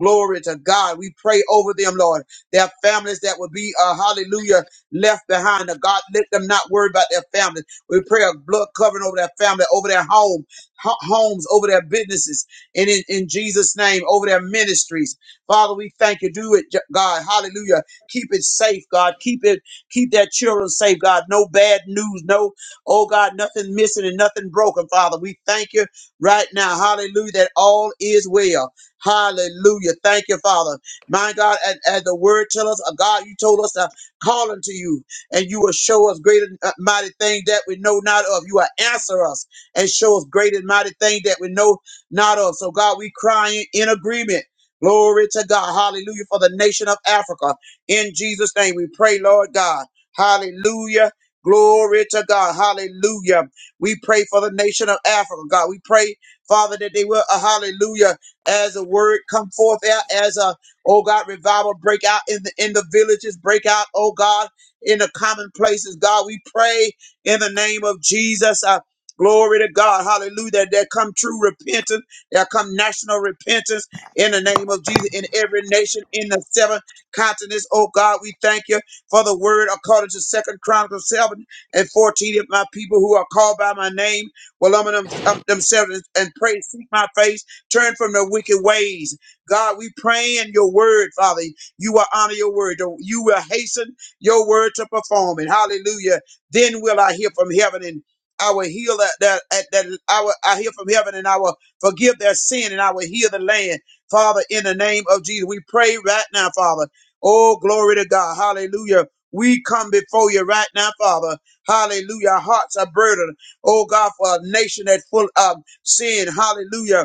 Speaker 3: Glory to God. We pray over them, Lord. Their families that will be, uh, hallelujah, left behind. Uh, God, let them not worry about their families. We pray a blood covering over their family, over their home, ho- homes, over their businesses, and in, in Jesus' name, over their ministries. Father, we thank you. Do it, J- God. Hallelujah. Keep it safe, God. Keep it, keep their children safe, God. No bad news. No, oh God, nothing missing and nothing broken, Father. We thank you right now. Hallelujah. That all is well. Hallelujah. Thank you, Father. My God, and as the word tell us, uh, God, you told us to call unto you, and you will show us great and uh, mighty things that we know not of. You will answer us and show us great and mighty things that we know not of. So, God, we crying in agreement. Glory to God. Hallelujah. For the nation of Africa. In Jesus' name, we pray, Lord God. Hallelujah. Glory to God. Hallelujah. We pray for the nation of Africa, God. We pray, Father, that they will, uh, hallelujah as a word come forth out, as a, oh God, revival break out in the, in the villages, break out, oh God, in the common places. God, we pray in the name of Jesus. Uh, glory to God. Hallelujah. That there come true repentance. There come national repentance in the name of Jesus in every nation in the seven continents. Oh God, we thank you for the word according to Second Chronicles 7 and 14. If my people who are called by my name will humble them, um, themselves and pray, seek my face. Turn from their wicked ways. God, we pray in your word, Father. You will honor your word. You will hasten your word to perform it. Hallelujah. Then will I hear from heaven and I will heal that, that, that, that I, will, I hear from heaven and I will forgive their sin and I will heal the land. Father, in the name of Jesus, we pray right now, Father. Oh, glory to God. Hallelujah. We come before you right now, Father. Hallelujah. Our hearts are burdened. Oh, God, for a nation that full of sin. Hallelujah.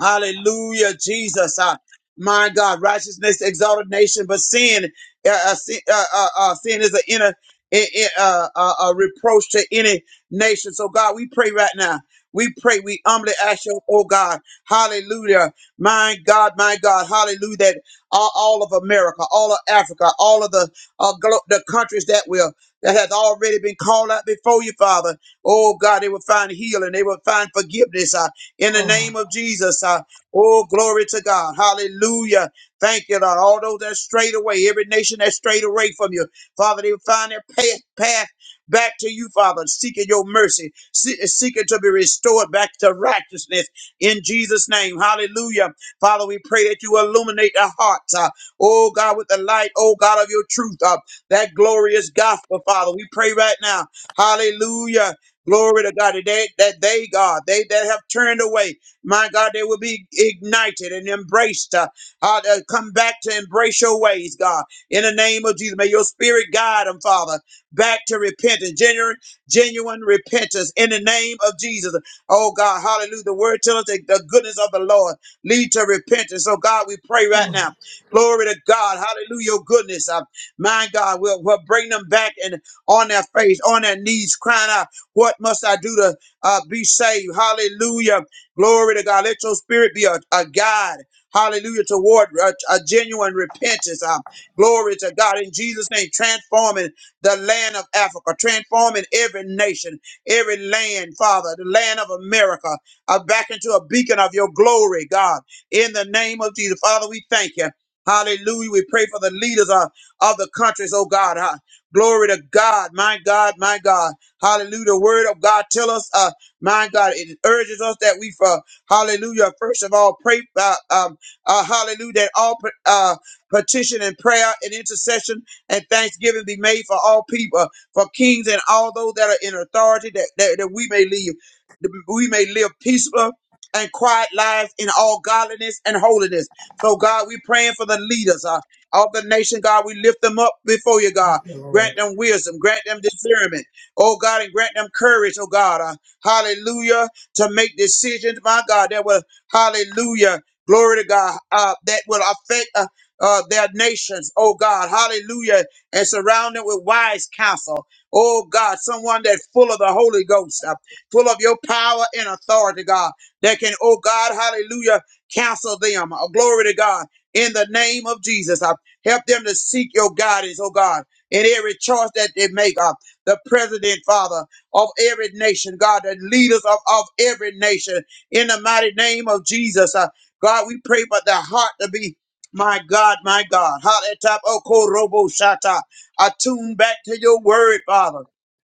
Speaker 3: Hallelujah, Jesus. Uh, my God, righteousness exalted nation, but sin, uh, uh, sin, uh, uh, uh, sin is an inner i- i- uh, uh, uh, reproach to any nation. So, God, we pray right now. We pray, we humbly ask you, oh God, hallelujah, my God, my God, hallelujah, that all, all of America, all of Africa, all of the uh, glo- the countries that will, that has already been called out before you, Father, oh God, they will find healing, they will find forgiveness, uh, in the
Speaker 2: Oh,
Speaker 3: name of Jesus. Uh, oh, glory to God. Hallelujah. Thank you, Lord. All those that strayed away, every nation that strayed away from you, Father, they find their path, path back to you, Father, seeking your mercy, se- seeking to be restored back to righteousness in Jesus' name. Hallelujah. Father, we pray that you illuminate their hearts, uh, oh God, with the light, oh God, of your truth, uh, that glorious gospel, Father. We pray right now. Hallelujah. Glory to God. That they, that they, God, they that have turned away, my God, they will be ignited and embraced. Uh, uh, uh, come back to embrace your ways, God. In the name of Jesus, may your spirit guide them, Father, back to repentance, genuine, genuine repentance. In the name of Jesus, oh God, hallelujah. The word tells us that the goodness of the Lord lead to repentance. So God, we pray right now. Glory to God, hallelujah. Your goodness, uh, my God, will will bring them back and on their face, on their knees, crying out. What must I do to uh, be saved? Hallelujah. Glory to God. Let your spirit be a, a guide. Hallelujah. Toward a, a genuine repentance. Uh, glory to God. In Jesus' name, transforming the land of Africa, transforming every nation, every land, Father, the land of America, uh, back into a beacon of your glory, God. In the name of Jesus. Father, we thank you. Hallelujah. We pray for the leaders of, of the countries, oh God. Uh, glory to God, my God, my God. Hallelujah. The word of God tell us, uh, my God, it urges us that we, uh, hallelujah, first of all, pray, uh, um, uh, hallelujah, that all, uh, petition and prayer and intercession and thanksgiving be made for all people, for kings and all those that are in authority, that, that, that we may live, that we may live peaceful and quiet lives in all godliness and holiness. So, God, we praying for the leaders uh, of the nation, God. We lift them up before you, God. Grant
Speaker 2: yes,
Speaker 3: them wisdom, grant them discernment, Oh God, and grant them courage, oh God, uh, hallelujah, to make decisions, my God, that will, hallelujah, glory to God, uh, that will affect uh, uh, their nations, oh God, hallelujah, and surround them with wise counsel. Oh God, someone that's full of the Holy Ghost, uh, full of your power and authority, God, that can, oh God, hallelujah, counsel them. Uh, glory to God. In the name of Jesus, uh, help them to seek your guidance, oh God, in every choice that they make. Uh, the president, Father, of every nation, God, the leaders of, of every nation, in the mighty name of Jesus. Uh, God, we pray for the heart to be, my God, my God, Haletap Oko Robo Shata, attuned back to your word, Father,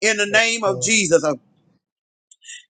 Speaker 3: in the name of
Speaker 2: Lord.
Speaker 3: Jesus. Uh,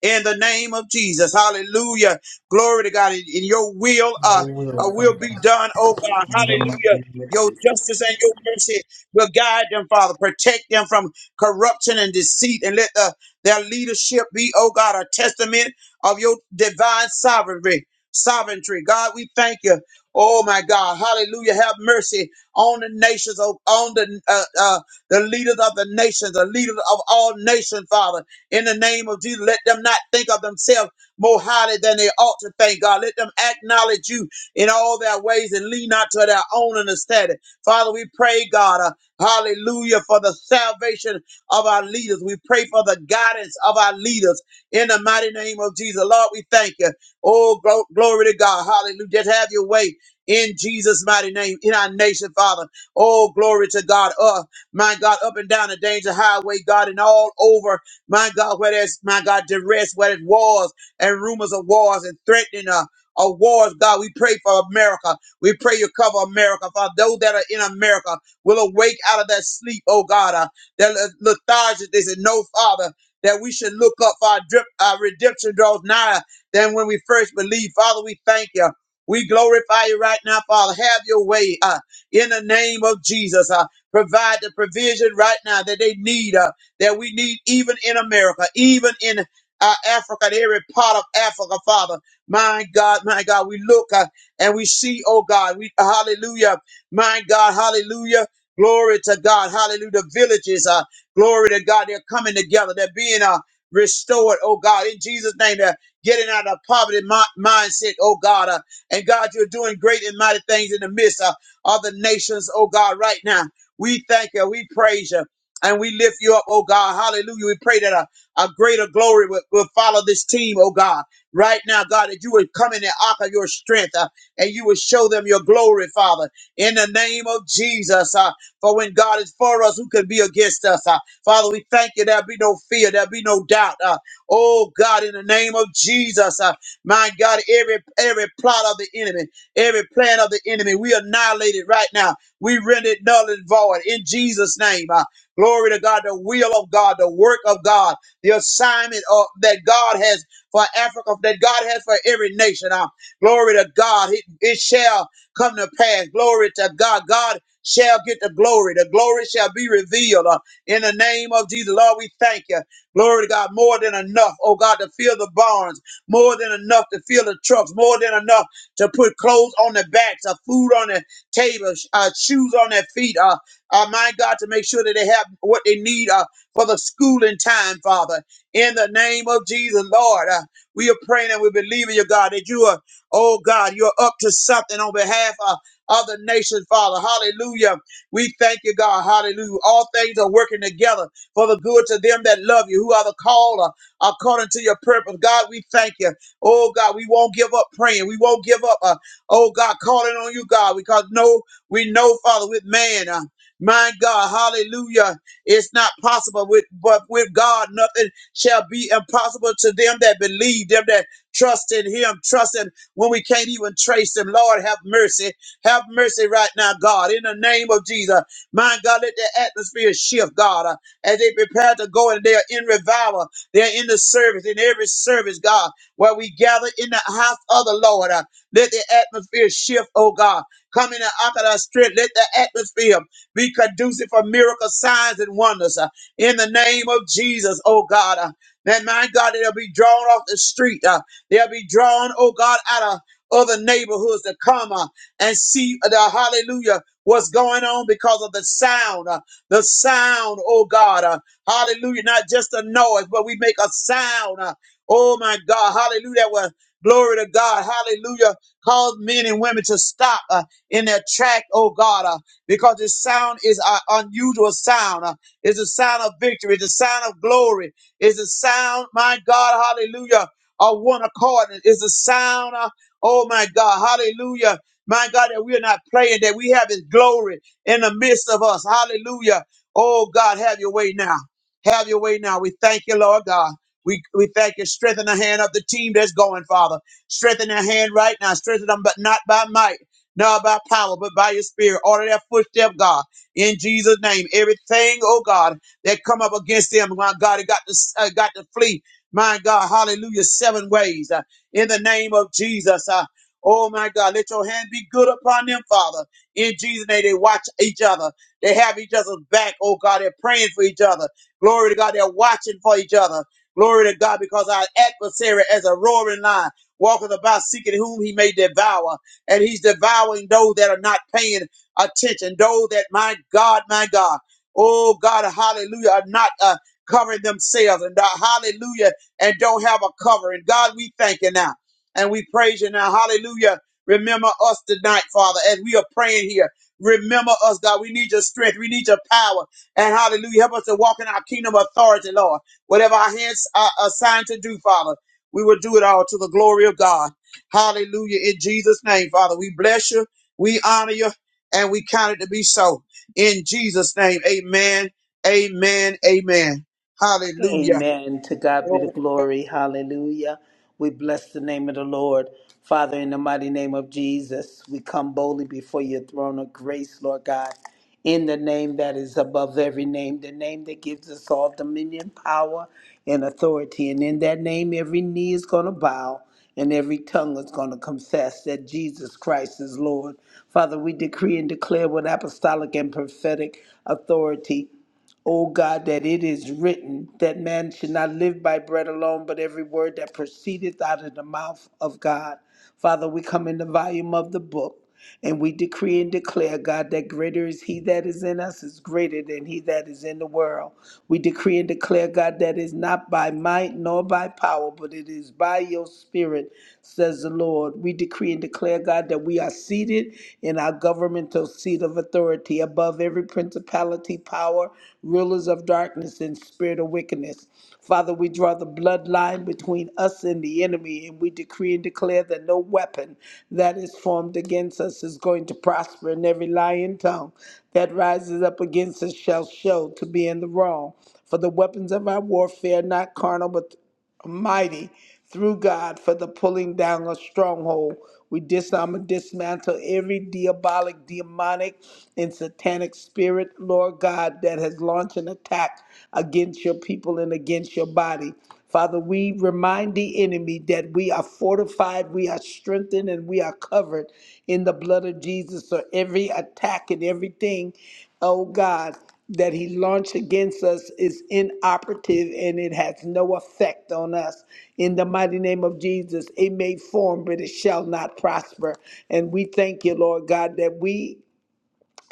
Speaker 3: in the name of Jesus. Hallelujah. Glory to God. In, in your will,
Speaker 2: Your
Speaker 3: uh, uh,
Speaker 2: will,
Speaker 3: will be
Speaker 2: Father.
Speaker 3: done, oh God.
Speaker 2: In the mighty
Speaker 3: Hallelujah.
Speaker 2: name of
Speaker 3: Your
Speaker 2: Jesus.
Speaker 3: justice and your mercy will guide them, Father. Protect them from corruption and deceit, and let the, their leadership be, oh God, a testament of your divine sovereignty. Sovereignty, God, we thank you. Oh my God, Hallelujah! Have mercy on the nations, on on the uh, uh, the leaders of the nations, the leaders of all nations, Father in the name of Jesus. Let them not think of themselves more highly than they ought to think, God. Let them acknowledge you in all their ways and lean not to their own understanding. Father, we pray, God, uh, hallelujah, for the salvation of our leaders. We pray for the guidance of our leaders in the mighty name of Jesus. Lord, we thank you. Oh, glo- glory to God. Hallelujah. Just have your way. In Jesus' mighty name, in our nation, Father. Oh, glory to God. Uh, my God, up and down the danger highway, God, and all over my God, where there's, my God, duress, where there's wars and rumors of wars and threatening uh, of wars, God, we pray for America. We pray you cover America. For those that are in America will awake out of that sleep, oh God, uh, that le- lethargic. They said, no, Father, that we should look up for our, drip, our redemption draws nigher than when we first believed. Father, we thank you. We glorify you right now, Father. Have your way uh, in the name of Jesus. Uh, provide the provision right now that they need. Uh, that we need even in America, even in uh, Africa, in every part of Africa, Father. My God, my God, we look uh, and we see, oh God, we hallelujah, my God, hallelujah. Glory to God, hallelujah. The villages, uh, glory to God, they're coming together, they're being uh, restored, oh God, in Jesus' name, they're getting out of poverty mi- mindset, oh God. Uh, and God, you're doing great and mighty things in the midst uh, of the nations, oh God, right now. We thank you, we praise you. And we lift you up, oh God. Hallelujah. We pray that a, a greater glory will, will follow this team, oh God. Right now, God, that you would come in the ark of your strength uh, and you would show them your glory, Father, in the name of Jesus. Uh, for when God is for us, who can be against us? Uh, Father, we thank you. There'll be no fear, there'll be no doubt. Uh, oh God, in the name of Jesus, uh, my God, every every plot of the enemy, every plan of the enemy, we annihilate it right now. We render it null and void in Jesus' name. Uh, Glory to God, the will of God, the work of God, the assignment of, that God has for Africa, that God has for every nation. Uh, glory to God, it, it shall come to pass. Glory to God. God shall get the glory. The glory shall be revealed uh, in the name of Jesus. Lord, we thank you. Glory to God, more than enough, oh God, to fill the barns, more than enough to fill the trucks, more than enough to put clothes on their backs, uh, food on their tables, uh, shoes on their feet. Uh, uh, my God, to make sure that they have what they need uh, for the schooling time, Father. In the name of Jesus, Lord, uh, we are praying and we believe in you, God, that you are, oh God, you're up to something on behalf uh, of other nations, Father. Hallelujah. We thank you, God. Hallelujah. All things are working together for the good to them that love you, who are the caller according to your purpose. God, we thank you. Oh God, we won't give up praying. We won't give up. Uh, oh God, calling on you, God, because no, we know, Father, with man. Uh, my God, hallelujah. It's not possible with but with God nothing shall be impossible to them that believe, them that trust in him, trust him when we can't even trace him. Lord, have mercy. Have mercy right now, God. In the name of Jesus. My God, let the atmosphere shift, God, uh, as they prepare to go and they're in revival. They're in the service, in every service, God, where we gather in the house of the Lord. uh, let the atmosphere shift, oh God. Come in and out of our strength. Let the atmosphere be conducive for miracle signs and wonders uh, in the name of Jesus, oh God. Uh, that my God, they'll be drawn off the street. Uh, they'll be drawn, oh God, out of other neighborhoods to come uh, and see the hallelujah what's going on because of the sound uh, the sound oh god uh, hallelujah not just a noise but we make a sound uh, oh my god hallelujah that was glory to god hallelujah cause men and women to stop uh, in their track oh god uh, because his sound is an unusual sound. Uh, It's a sound of victory. It's a sound of glory. It's a sound, my God, hallelujah, of one accord. It's a sound, uh, oh my God, hallelujah. My God, that we are not playing, that we have his glory in the midst of us. Hallelujah. Oh God, have your way now. Have your way now. We thank you, Lord God. We, we thank you. Strengthen the hand of the team that's going, Father. Strengthen their hand right now. Strengthen them, but not by might not by power, but by your spirit. Order their footstep, God, in Jesus' name. Everything, oh God, that come up against them, my God, it got to, uh, got to flee. My God, hallelujah, seven ways uh, in the name of Jesus. Uh, oh my God, let your hand be good upon them, Father. In Jesus' name, they watch each other. They have each other's back, oh God. They're praying for each other. Glory to God, they're watching for each other. Glory to God, because our adversary as a roaring lion walketh about seeking whom he may devour and he's devouring those that are not paying attention, those that, my God, my God, oh God, hallelujah, are not uh, covering themselves, and uh, hallelujah, and don't have a cover. And God, we thank you now, and we praise you now, hallelujah. Remember us tonight, Father, as we are praying here. Remember us, God. We need your strength. We need your power. And hallelujah. Help us to walk in our kingdom authority, Lord. Whatever our hands are assigned to do, Father, we will do it all to the glory of God. Hallelujah. In Jesus' name, Father, we bless you, we honor you, and we count it to be so. In Jesus' name, amen, amen, amen. Hallelujah.
Speaker 2: Amen. To God be the glory. Hallelujah. We bless the name of the Lord. Father, in the mighty name of Jesus, we come boldly before your throne of grace, Lord God, in the name that is above every name, the name that gives us all dominion, power, and authority. And in that name, every knee is going to bow and every tongue is going to confess that Jesus Christ is Lord. Father, we decree and declare with apostolic and prophetic authority O God, that it is written that man should not live by bread alone, but every word that proceedeth out of the mouth of God. Father, we come in the volume of the book. And we decree and declare, God, that greater is He that is in us is greater than He that is in the world. We decree and declare, God, that is not by might nor by power, but it is by your spirit, says the Lord. We decree and declare, God, that we are seated in our governmental seat of authority above every principality, power, rulers of darkness, and spirit of wickedness. Father, we draw the bloodline between us and the enemy, and we decree and declare that no weapon that is formed against us is going to prosper, and every lying tongue that rises up against us shall show to be in the wrong. For the weapons of our warfare are not carnal, but mighty through God for the pulling down of stronghold. We disarm and dismantle every diabolic, demonic, and satanic spirit, Lord God, that has launched an attack against your people and against your body. Father, we remind the enemy that we are fortified, we are strengthened, and we are covered in the blood of Jesus. So every attack and everything, oh God that he launched against us is inoperative and it has no effect on us. In the mighty name of Jesus, it may form, but it shall not prosper. And we thank you, Lord God, that we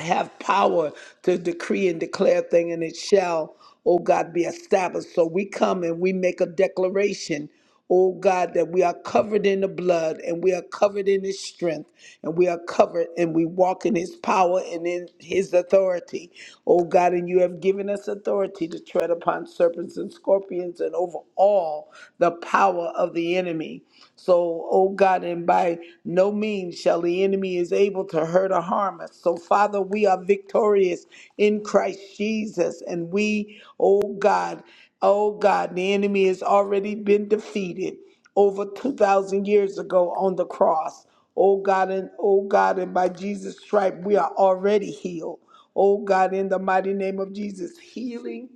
Speaker 2: have power to decree and declare thing and it shall oh god be established so we come and we make a declaration oh god that we are covered in the blood and we are covered in his strength and we are covered and we walk in his power and in his authority oh god and you have given us authority to tread upon serpents and scorpions and over all the power of the enemy so, oh God, and by no means shall the enemy is able to hurt or harm us. So, Father, we are victorious in Christ Jesus. And we, oh God, oh God, the enemy has already been defeated over 2,000 years ago on the cross. Oh God, and oh God, and by Jesus' stripe, we are already healed. Oh God, in the mighty name of Jesus, healing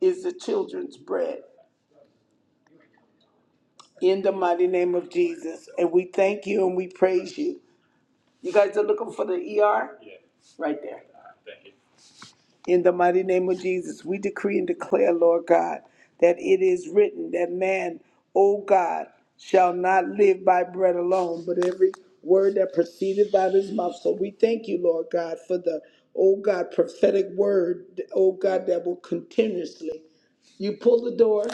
Speaker 2: is the children's bread. In the mighty name of Jesus. And we thank you and we praise you. You guys are looking for the ER? Right there. In the mighty name of Jesus, we decree and declare, Lord God, that it is written that man, O God, shall not live by bread alone, but every word that proceeded out of his mouth. So we thank you, Lord God, for the, O God, prophetic word, O God, that will continuously. You pull the door,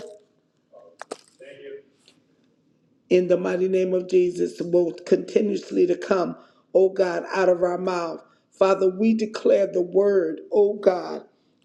Speaker 2: in the mighty name of Jesus will continuously to come, oh God, out of our mouth. Father, we declare the word, oh God,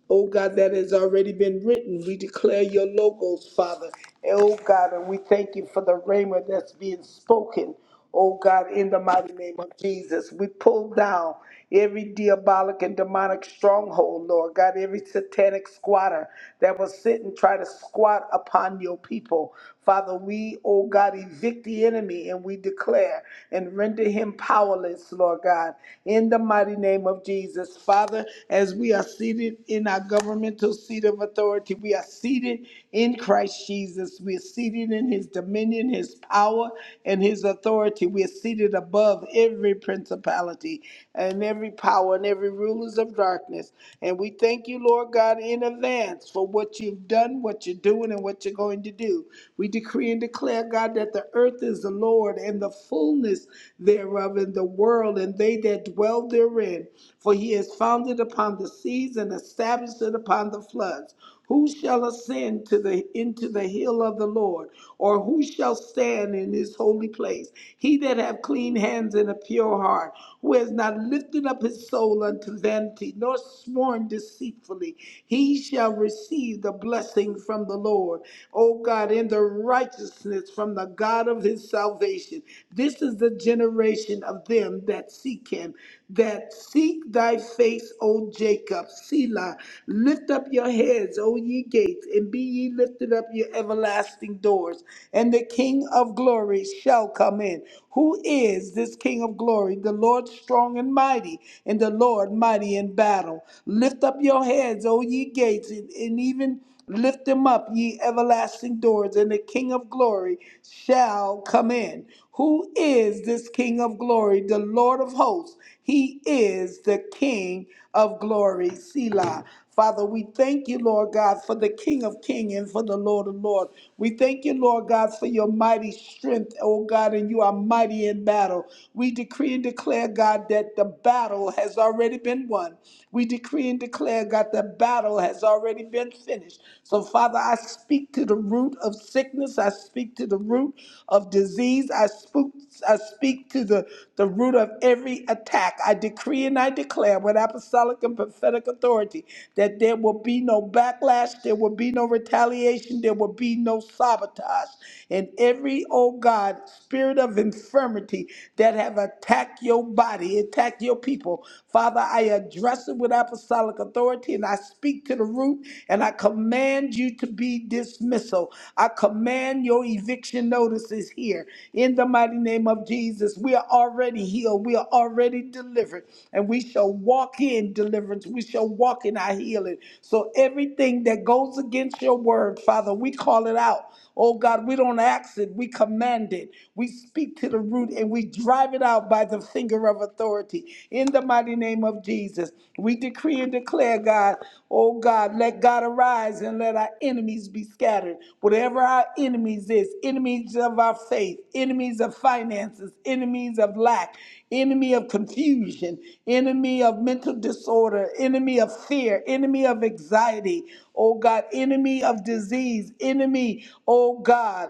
Speaker 2: Oh God, that has already been written. We declare your logos, Father. And, Oh God, and we thank you for the rhema that's being spoken. Oh God, in the mighty name of Jesus, we pull down every diabolic and demonic stronghold, Lord God, every satanic squatter that will sit and try to squat upon your people. Father, we, oh God, evict the enemy and we declare and render him powerless, Lord God, in the mighty name name of Jesus. Father, as we are seated in our governmental seat of authority, we are seated in Christ Jesus. We are seated in his dominion, his power, and his authority. We are seated above every principality and every power and every rulers of darkness. And we thank you, Lord God, in advance for what you've done, what you're doing, and what you're going to do. We decree and declare, God, that the earth is the Lord and the fullness thereof in the world, and they that dwell therein. For he has founded upon the seas and established it upon the floods. Who shall ascend to the into the hill of the Lord, or who shall stand in his holy place? He that have clean hands and a pure heart, who has not lifted up his soul unto vanity, nor sworn deceitfully, he shall receive the blessing from the Lord. O God, in the righteousness from the God of his salvation. This is the generation of them that seek him, that seek thy face, O Jacob. Selah, lift up your heads, O ye gates, and be ye lifted up, your everlasting doors, and the King of glory shall come in. Who is this King? of glory, the Lord strong and mighty, and the Lord mighty in battle. Lift up your heads, O ye gates, and, and even lift them up, ye everlasting doors, and the King of glory shall come in. Who is this King of glory? The Lord of hosts. He is the King of glory. Selah. Father, we thank you, Lord God, for the King of Kings and for the Lord of Lords. We thank you, Lord God, for your mighty strength, oh God, and you are mighty in battle. We decree and declare, God, that the battle has already been won. We decree and declare, God, the battle has already been finished. So, Father, I speak to the root of sickness. I speak to the root of disease. I spook. I speak speak to the, the root of every attack. I decree and I declare with apostolic and prophetic authority that there will be no backlash, there will be no retaliation, there will be no sabotage. And every, oh God, spirit of infirmity that have attacked your body, attacked your people, Father, I address it with apostolic authority and I speak to the root and I command you. to ready to be dismissal. I command your eviction notices here in the mighty name of Jesus. We are already healed, we are already delivered, and we shall walk in deliverance. We shall walk in our healing. So everything that goes against your word, Father, we call it out. Oh God, we don't ask it, we command it. We speak to the root and we drive it out by the finger of authority. In the mighty name of Jesus, we decree and declare, God, oh God, let God arise and let our enemies be scattered. Whatever our enemies is, enemies of our faith, enemies of finances, enemies of lack, enemy of confusion, enemy of mental disorder, enemy of fear, enemy of anxiety, oh God, enemy of disease, enemy, oh God,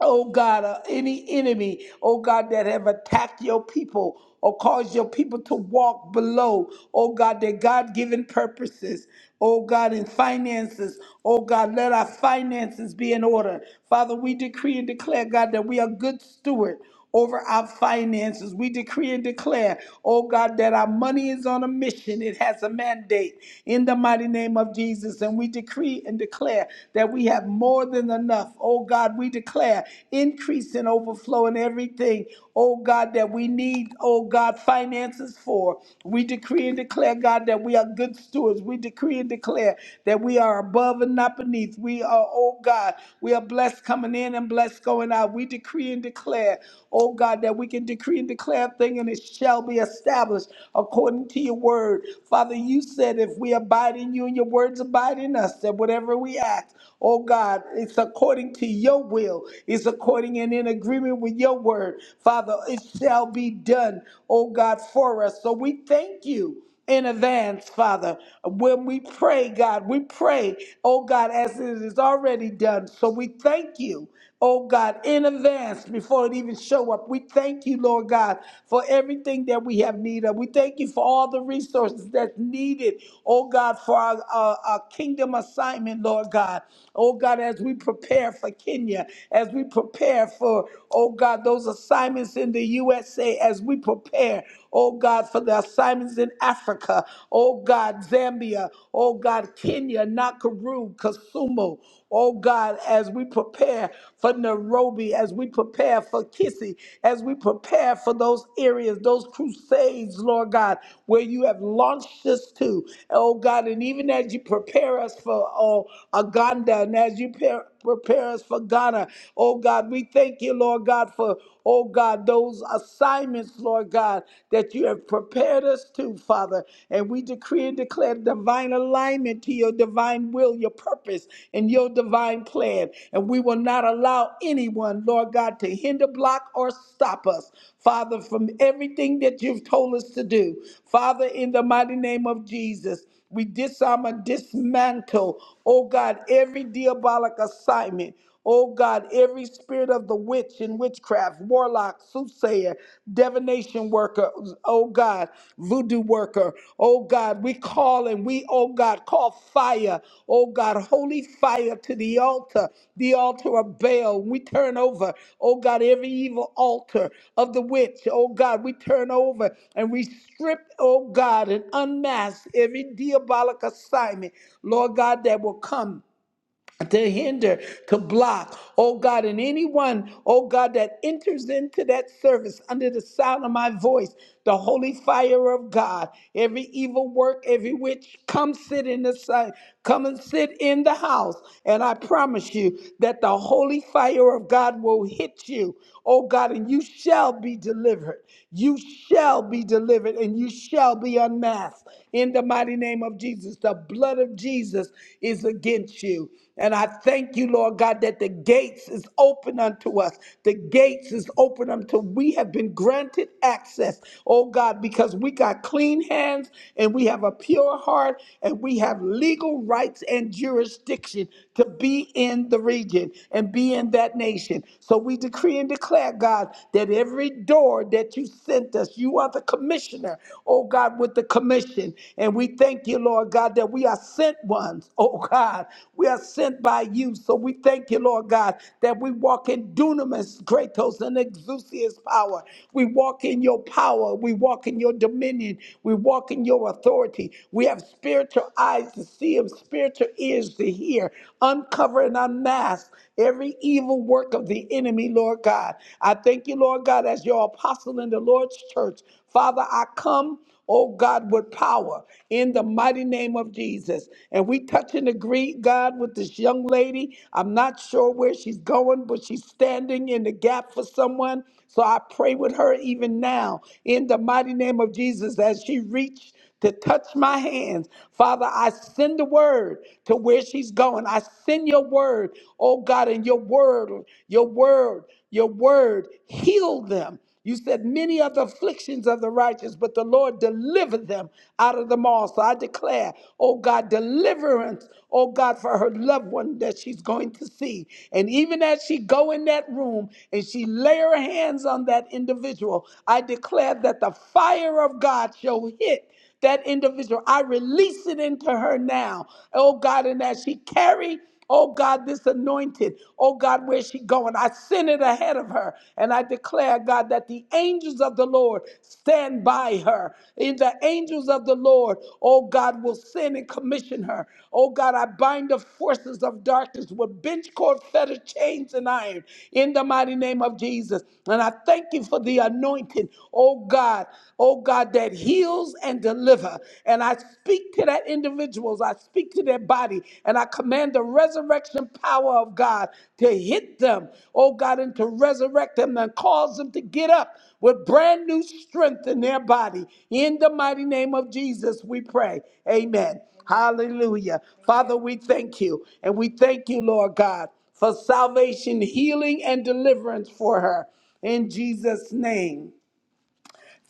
Speaker 2: oh God, uh, any enemy, oh God, that have attacked your people or caused your people to walk below, oh God, their God given purposes. Oh God, in finances, oh God, let our finances be in order. Father, we decree and declare, God, that we are good steward over our finances. We decree and declare, oh God, that our money is on a mission. It has a mandate in the mighty name of Jesus. And we decree and declare that we have more than enough. Oh God, we declare increase and overflow in everything, oh God, that we need, oh God, finances for. We decree and declare, God, that we are good stewards. We decree and declare that we are above and not beneath. We are, oh God, we are blessed coming in and blessed going out. We decree and declare, oh God, that we can decree and declare a thing and it shall be established according to your word. Father, you said if we abide in you and your words abide in us, that whatever we ask, oh God, it's according to your will, it's according and in agreement with your word. Father, it shall be done, oh God, for us. So we thank you in advance, Father. When we pray, God, we pray, oh God, as it is already done. So we thank you, oh God, in advance before it even show up. We thank you, Lord God, for everything that we have need of. We thank you for all the resources that's needed, oh God, for our, our, our kingdom assignment, Lord God. Oh God, as we prepare for Kenya, as we prepare for, oh God, those assignments in the USA, as we prepare oh God, for the assignments in Africa, oh God, Zambia, oh God, Kenya, Nakuru, Kasumu, oh God, as we prepare for Nairobi, as we prepare for Kissy, as we prepare for those areas, those crusades, Lord God, where you have launched us to, oh God, and even as you prepare us for oh, Uganda, and as you prepare prepare us for Ghana. Oh God, we thank you, Lord God, for oh oh God, those assignments, Lord God, that you have prepared us to, Father. And we decree and declare divine alignment to your divine will, your purpose, and your divine plan. And we will not allow anyone, Lord God, to hinder, block, or stop us, Father, from everything that you've told us to do. Father, in the mighty name of Jesus. We disarm and dismantle, oh God, every diabolic assignment. Oh God, every spirit of the witch and witchcraft, warlock, soothsayer, divination worker, oh God, voodoo worker, oh God, we call and we, oh God, call fire, oh God, holy fire to the altar, the altar of Baal. We turn over, oh God, every evil altar of the witch, oh God, we turn over and we strip, oh God, and unmask every diabolic assignment, Lord God, that will come to hinder, to block, oh God, and anyone, oh God, that enters into that service under the sound of my voice, the holy fire of God, every evil work, every witch, come sit in the side, come and sit in the house, and I promise you that the holy fire of God will hit you, oh God, and you shall be delivered. You shall be delivered, and you shall be unmasked in the mighty name of Jesus. Jesus, the blood of Jesus is against you. And I thank you, Lord God, that the gates is open unto us. The gates is open unto we have been granted access, oh God, because we got clean hands and we have a pure heart and we have legal rights and jurisdiction to be in the region and be in that nation. So we decree and declare, God, that every door that you sent us, you are the commissioner, oh God, with the commission. And we thank you, Lord God, that we are sent ones, [LAUGHS] oh God. We are sent by you. So we thank you, Lord God, that we walk in dunamis, kratos, and exousia's power. We walk in your power. We walk in your dominion. We walk in your authority. We have spiritual eyes to see and spiritual spiritual ears to hear. Uncover and unmask every evil work of the enemy, Lord God. I thank you, Lord God, as your apostle in the Lord's church. Father, I come. Oh God, with power in the mighty name of Jesus. And we touch and agree, God, with this young lady. I'm not sure where she's going, but she's standing in the gap for someone. So I pray with her even now in the mighty name of Jesus as she reached to touch my hands. Father, I send the word to where she's going. I send your word, oh God, and your word, your word, your word, heal them. You said many are the afflictions of the righteous, but the Lord delivered them out of them all. So I declare, oh God, deliverance, oh God, for her loved one that she's going to see. And even as she go in that room and she lay her hands on that individual, I declare that the fire of God shall hit that individual. I release it into her now. Oh God, and as she carry, oh God, this anointed, oh God, where she going? I send it ahead of her. And I declare, God, that the angels of the Lord stand by her. In the angels of the Lord, oh God, will send and commission her. Oh God, I bind the forces of darkness with bench cord, fetter, chains, and iron in the mighty name of Jesus. And I thank you for the anointing, oh God. oh oh God, that heals and deliver. And I speak to that individuals, I speak to their body, and I command the resurrection power of God to hit them, oh God, and to resurrect them and cause them to get up with brand new strength in their body. In the mighty name of Jesus, we pray. Amen. Hallelujah. Father, we thank you. And we thank you, Lord God, for salvation, healing, and deliverance for her. In Jesus' name.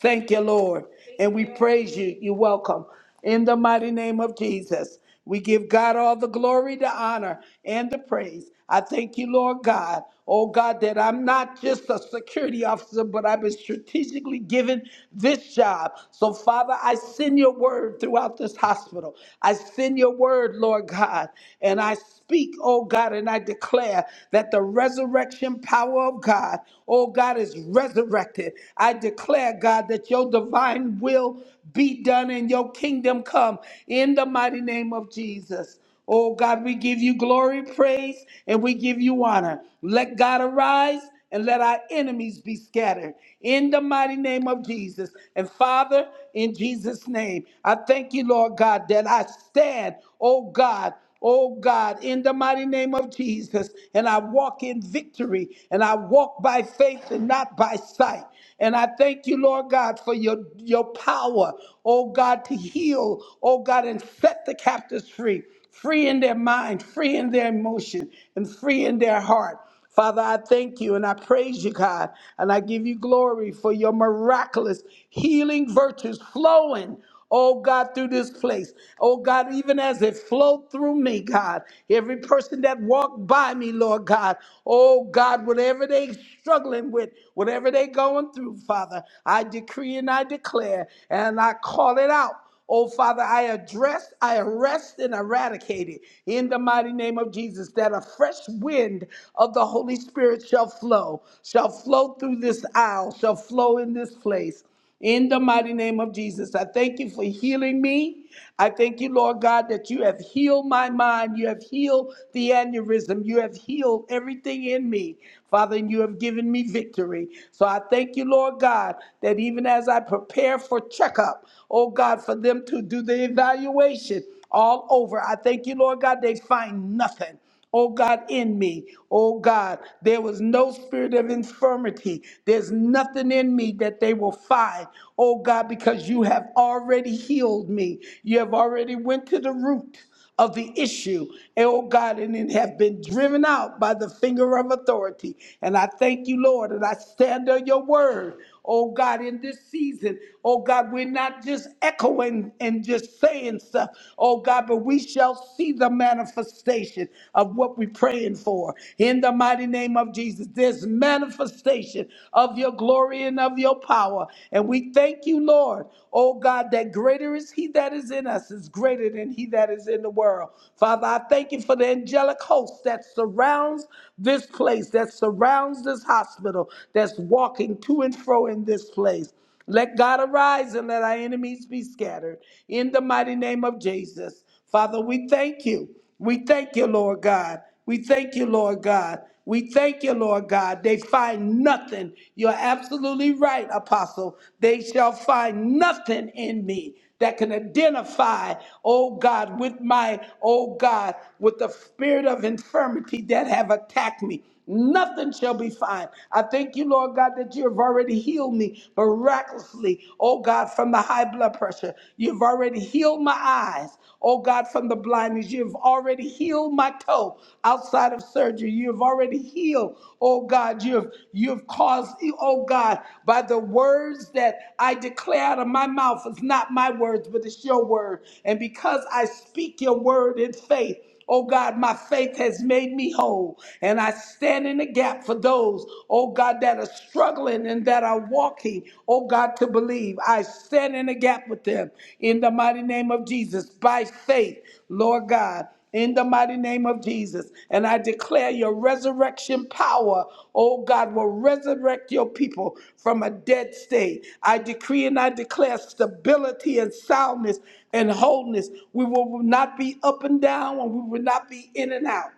Speaker 2: Thank you, Lord. And we praise you. You're welcome. In the mighty name of Jesus, we give God all the glory, the honor, and the praise. I thank you, Lord God. Oh God, that I'm not just a security officer, but I've been strategically given this job. So, Father, I send your word throughout this hospital. I send your word, Lord God, and I speak, oh God, and I declare that the resurrection power of God, oh God, is resurrected. I declare, God, that your divine will be done and your kingdom come in the mighty name of Jesus. Oh God, we give you glory, praise, and we give you honor. Let God arise and let our enemies be scattered in the mighty name of Jesus. And Father, in Jesus' name, I thank you, Lord God, that I stand, oh God. Oh God, in the mighty name of Jesus, and I walk in victory, and I walk by faith and not by sight. And I thank you, Lord God, for your, your power, oh God, to heal, oh God, and set the captives free, free in their mind, free in their emotion, and free in their heart. Father, I thank you and I praise you, God, and I give you glory for your miraculous healing virtues flowing. Oh God, through this place. Oh God, even as it flowed through me, God, every person that walked by me, Lord God, oh God, whatever they struggling with, whatever they going through, Father, I decree and I declare and I call it out. Oh, Father, I address, I arrest and eradicate it in the mighty name of Jesus that a fresh wind of the Holy Spirit shall flow, shall flow through this aisle, shall flow in this place. In the mighty name of Jesus, I thank you for healing me. I thank you, Lord God, that you have healed my mind. You have healed the aneurysm. You have healed everything in me, Father, and you have given me victory. So I thank you, Lord God, that even as I prepare for for checkup. Oh God, for them to do the evaluation all over. I thank you, Lord God, they find nothing. Oh God, in me. Oh God, there was no spirit of infirmity. There's nothing in me that they will find. Oh God, because you have already healed me. You have already went to the root of the issue, and oh God, and it have been driven out by the finger of authority. And I thank you, Lord, and I stand on your word. Oh God, in this season, oh God, we're not just echoing and just saying stuff, oh God, but we shall see the manifestation of what we're praying for. In the mighty name of Jesus, there's manifestation of your glory and of your power. And and we thank you, Lord, oh God, that greater is He that is in us, is greater than He that is in the world. Father, I thank you for the angelic host that surrounds this place, that surrounds this hospital, that's walking to and fro in this place. Let God arise and let our enemies be scattered. In the mighty name of Jesus. Father, we thank you. We thank you, Lord God. We thank you, Lord God. We thank you, Lord God. They find nothing. You're absolutely right, Apostle. They shall find nothing in me that can identify, oh God, with my, oh God, with the spirit of infirmity that have attacked me. Nothing shall be fine. I thank you, Lord God, that you have already healed me miraculously, oh God, from the high blood pressure. You've already healed my eyes oh God, from the blindness. You've already healed my toe outside of surgery. You've already healed, oh God. You've you've caused, oh God, by the words that I declare out of my mouth. It's not my words, but it's your word. And because I speak your word in faith. Oh God, my faith has made me whole. And I stand in the gap for those, oh God, that are struggling and that are walking, oh God, to believe. I stand in the gap with them in the mighty name of Jesus by faith, Lord God. In the mighty name of Jesus. And I declare your resurrection power, oh God, will resurrect your people from a dead state. I decree and I declare stability and soundness and wholeness. We will not be up and down and we will not be in and out,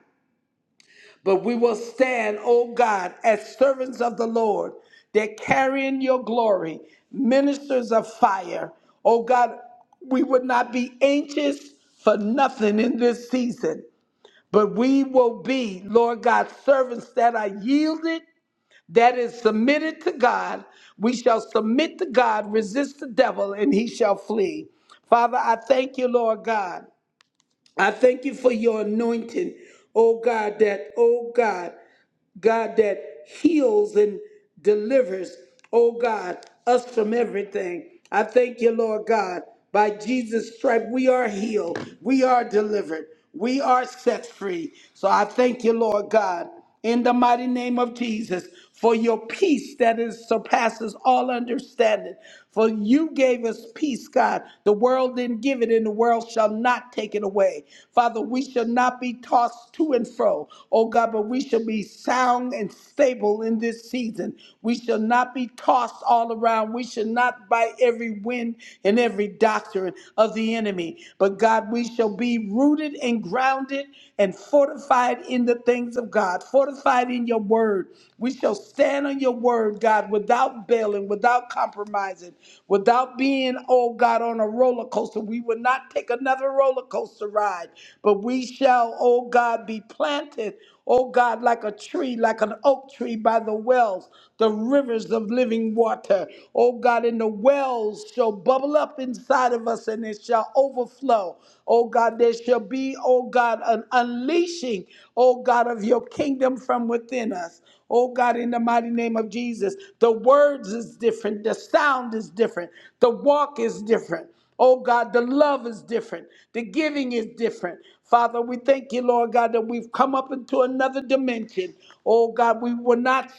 Speaker 2: but we will stand, oh God, as servants of the Lord. They're carrying your glory, ministers of fire. Oh God, we would not be anxious for nothing in this season. But we will be, Lord God, servants that are yielded, that is submitted to God. We shall submit to God, resist the devil, and he shall flee. Father, I thank you, Lord God. I thank you for your anointing, oh God, that, oh God. God that heals and delivers, oh God, us from everything. I thank you, Lord God. By Jesus' stripe, we are healed, we are delivered, we are set free. So I thank you, Lord God, in the mighty name of Jesus, for your peace that is surpasses all understanding. For you gave us peace, God. The world didn't give it, and the world shall not take it away. Father, we shall not be tossed to and fro, oh God, but we shall be sound and stable in this season. We shall not be tossed all around. We shall not by every wind and every doctrine of the enemy. But God, we shall be rooted and grounded and fortified in the things of God. God, fortified in your word. We shall stand on your word, God, without bailing, without compromising, without being, oh God, on a roller coaster. We will not take another roller coaster ride, but we shall, oh God, be planted, oh God, like a tree, like an oak tree by the wells, the rivers of living water. Oh God, and the wells shall bubble up inside of us us and it shall overflow. Oh God, there shall be, oh God, an unleashing, oh God, of your kingdom from within us. Oh God, in the mighty name of Jesus, the words is different, the sound is different, the walk is different. Oh God, the love is different. The giving is different. Father, we thank you, Lord God, that we've come up into another dimension. Oh God, we were not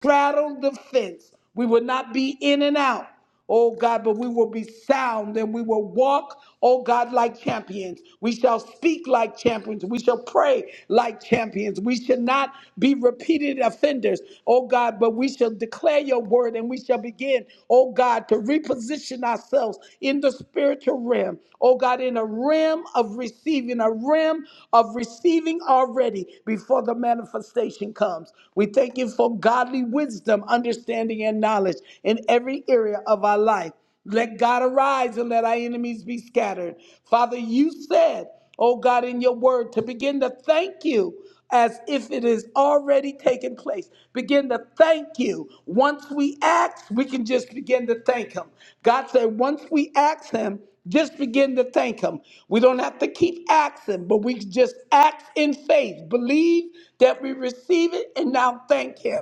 Speaker 2: straddle the fence. We will not be in and out, oh God, but we will be sound and we will walk, oh God, like champions. We shall speak like champions. We shall pray like champions. We shall not be repeated offenders, oh God, but we shall declare your word and we shall begin, oh God, to reposition ourselves in the spiritual realm, oh God, in a realm of receiving, a realm of receiving already before the manifestation comes. We thank you for God godly wisdom, understanding, and knowledge in every area of our life. Let God arise and let our enemies be scattered. Father, you said, oh God, in your word, to begin to thank you as if it is already taken place. Begin to thank you. Once we act, we can just begin to thank Him. God said, once we ask Him, just begin to thank Him. We don't have to keep asking, but we just act in faith. Believe that we receive it and now thank Him.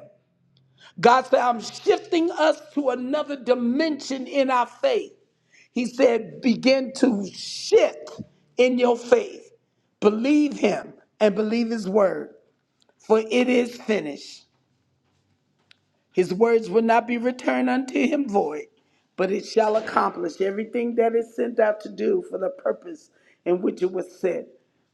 Speaker 2: God said, I'm shifting us to another dimension in our faith. He said, begin to shift in your faith. Believe him and believe his word, for it is finished. His words will not be returned unto him void, but it shall accomplish everything that is sent out to do for the purpose in which it was sent.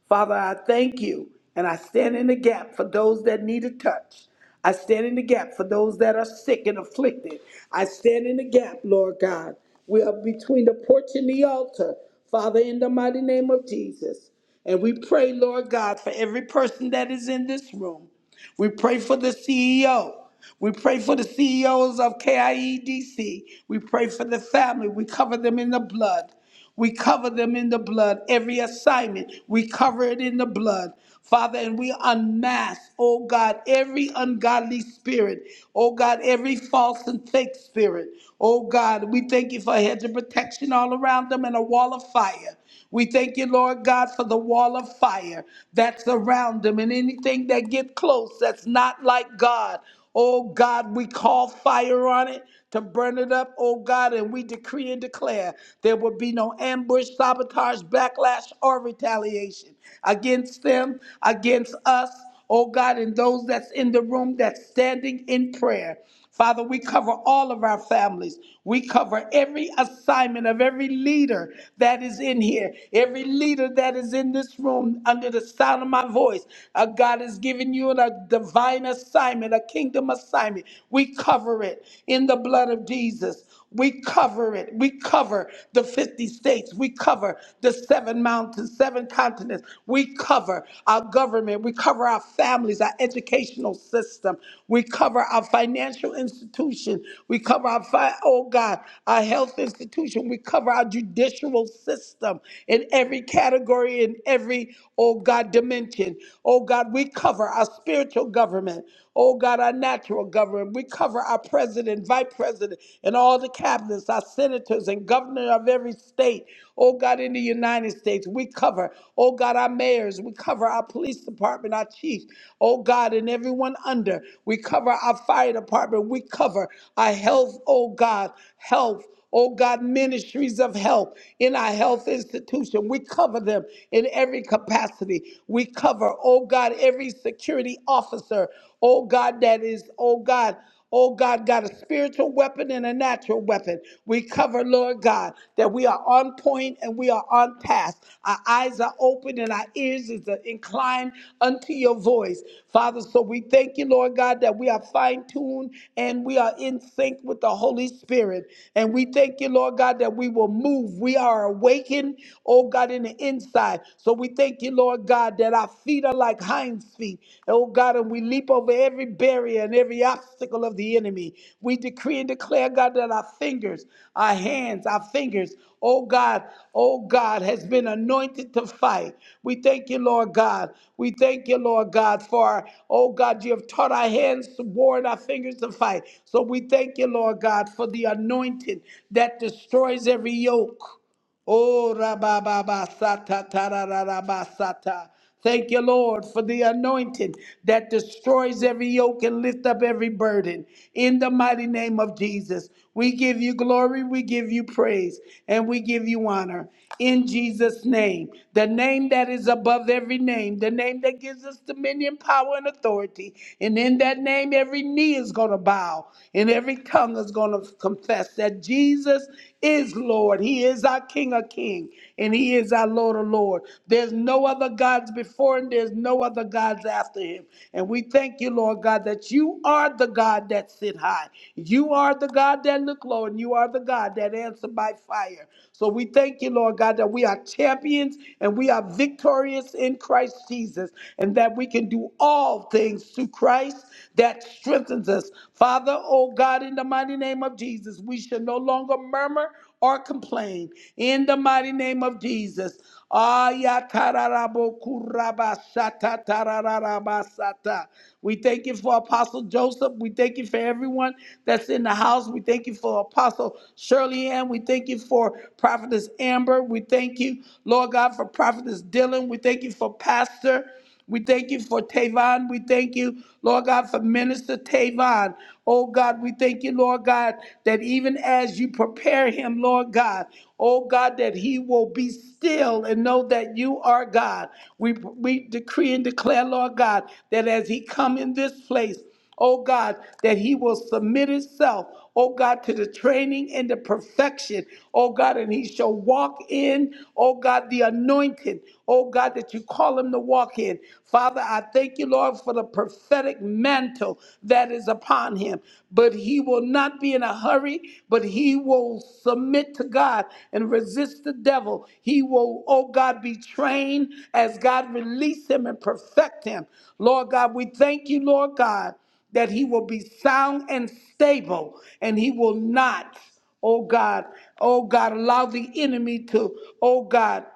Speaker 2: Father, I thank you, and I stand in the gap for those that need a touch. I stand in the gap for those that are sick and afflicted. I stand in the gap, Lord God. We are between the porch and the altar, Father, in the mighty name of Jesus. And we pray, Lord God, for every person that is in this room. We pray for the CEO. We pray for the CEOs of KIEDC. We pray for the family. We cover them in the blood. We cover them in the blood. Every assignment, we cover it in the blood. Father, and we unmask, oh God, every ungodly spirit, oh God, every false and fake spirit. Oh God, we thank you for a hedge of protection all around them and a wall of fire. We thank you, Lord God, for the wall of fire that's around them and anything that get close that's not like God. Oh God, we call fire on it to burn it up, oh God, and we decree and declare there will be no ambush, sabotage, backlash, or retaliation against them, against us oh God, and those that's in the room that's standing in prayer. Father, we cover all of our families. We cover every assignment of every leader that is in here, every leader that is in this room under the sound of my voice. Uh, God has given you a divine assignment, a kingdom assignment. We cover it in the blood of Jesus. We cover it. We cover the 50 states. We cover the seven seven mountains, seven continents. We cover our government, we cover our families, our educational system, we cover our financial institution, we cover our, fi- oh God, our health institution, we cover our judicial system in every category, in every oh God, dimension. Oh God, we cover our spiritual government. Oh God, our natural government. We cover our president, vice president, and all the cabinets, our senators, and governor of every state. Oh God, in the United States, we cover, oh God, our mayors. We cover our police department, our chiefs. Oh God, and everyone under. We cover our fire department. We cover our health, oh God, health oh God, ministries of help in our health institution. We cover them in every capacity. We cover, oh God, every security officer, oh God, that is, oh God, oh God, got a spiritual weapon and a natural weapon. We cover, Lord God, that we are on point and we are on task. Our eyes are open and our ears is uh, inclined unto your voice. Father, so we thank you, Lord God, that we are fine tuned and we are in sync with the Holy Spirit. And we thank you, Lord God, that we will move. We are awakened, oh God, in the inside. So we thank you, Lord God, that our feet are like hinds feet, oh God, and we leap over every barrier and every obstacle obstacle of the enemy. We decree and declare, God, that our fingers, our hands, our fingers, oh God, oh God, has been anointed to fight. We thank you, Lord God. We thank you, Lord God, for, oh God, you have taught our hands to war and our fingers to fight. So we thank you, Lord God, for the anointing that destroys every yoke. Oh, rabababasata, tarararabasata. Thank you, Lord, for the anointing that destroys every yoke and lift up every burden. In the mighty name of Jesus, we give you glory, we give you praise, and we give you honor. In Jesus' name, the name that is above every name, the name that gives us dominion, power, and authority. And in that name, every knee is going to bow and every tongue is going to confess that that Jesus is Lord. He is our King of King, and He is our Lord of Lord. There's no other gods before Him. There's no other gods after Him. And we thank you, Lord God, that you are the God that sit high. You are the God that look low, and you are the God that answer by fire. So we thank you, Lord God, that we are champions and we are victorious in Christ Jesus, and that we can do all things through Christ that strengthens us. Father. Father, oh God, in the mighty name of Jesus, we shall no longer murmur or complain. In the mighty name of Jesus. Ayakararabokurabasatatarararabasata. We thank you for Apostle Joseph. We thank you for everyone that's in the house. We thank you for Apostle Shirley Ann. We thank you for Prophetess Amber. We thank you, Lord God, for Prophetess Dylan. We thank you for Pastor. We thank you for Tavon. We thank you, Lord God, for Minister Tavon. Oh God, we thank you, Lord God, that even as you prepare him, Lord God, oh God, that he will be still and know that you are God. We, we decree and declare, Lord God, that as he come in this place, oh God, that he will submit himself, oh God, to the training and the perfection, oh God, and he shall walk in, oh God, the anointing, oh God, that you call him to walk in. Father, I thank you, Lord, for the prophetic mantle that is upon him, but he will not be in a hurry, but he he will submit to God and resist the devil. He will, oh God, be trained as God release him and perfect him. Lord God, we thank you, Lord God, that he will be sound and stable and he will not, oh God, oh God, allow the enemy to, oh God,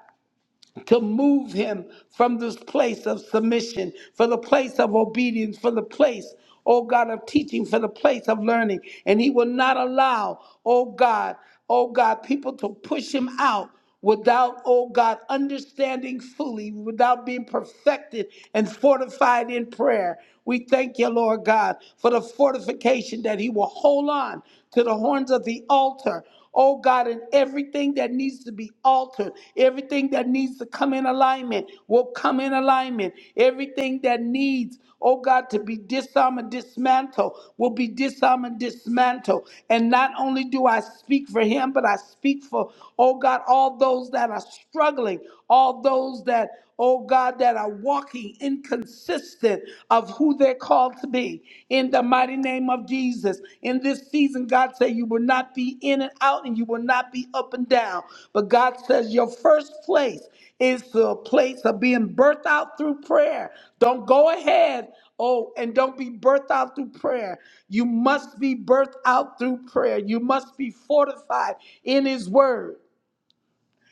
Speaker 2: to move him from this place of submission, for the place of obedience, for the place, oh God, of teaching, for the place of learning. And he will not allow, oh God, oh God, people to push him out without, oh God, understanding fully, without being perfected and fortified in prayer. We thank you, Lord God, for the fortification that he will hold on to the horns of the altar oh God, and everything that needs to be altered, everything that needs to come in alignment will come in alignment. Everything that needs, oh God, to be disarmed and dismantled will be disarmed and dismantled. And not only do I speak for him, but I speak for, oh God, all those that are struggling, all those that, oh God, that are walking inconsistent of who they're called to be. In the mighty name of Jesus. In this season, God said you will not be in and out and you will not be up and down. But God says your first place is a place of being birthed out through prayer. Don't go ahead. Oh, and don't be birthed out through prayer. You must be birthed out through prayer. You must be fortified in His Word.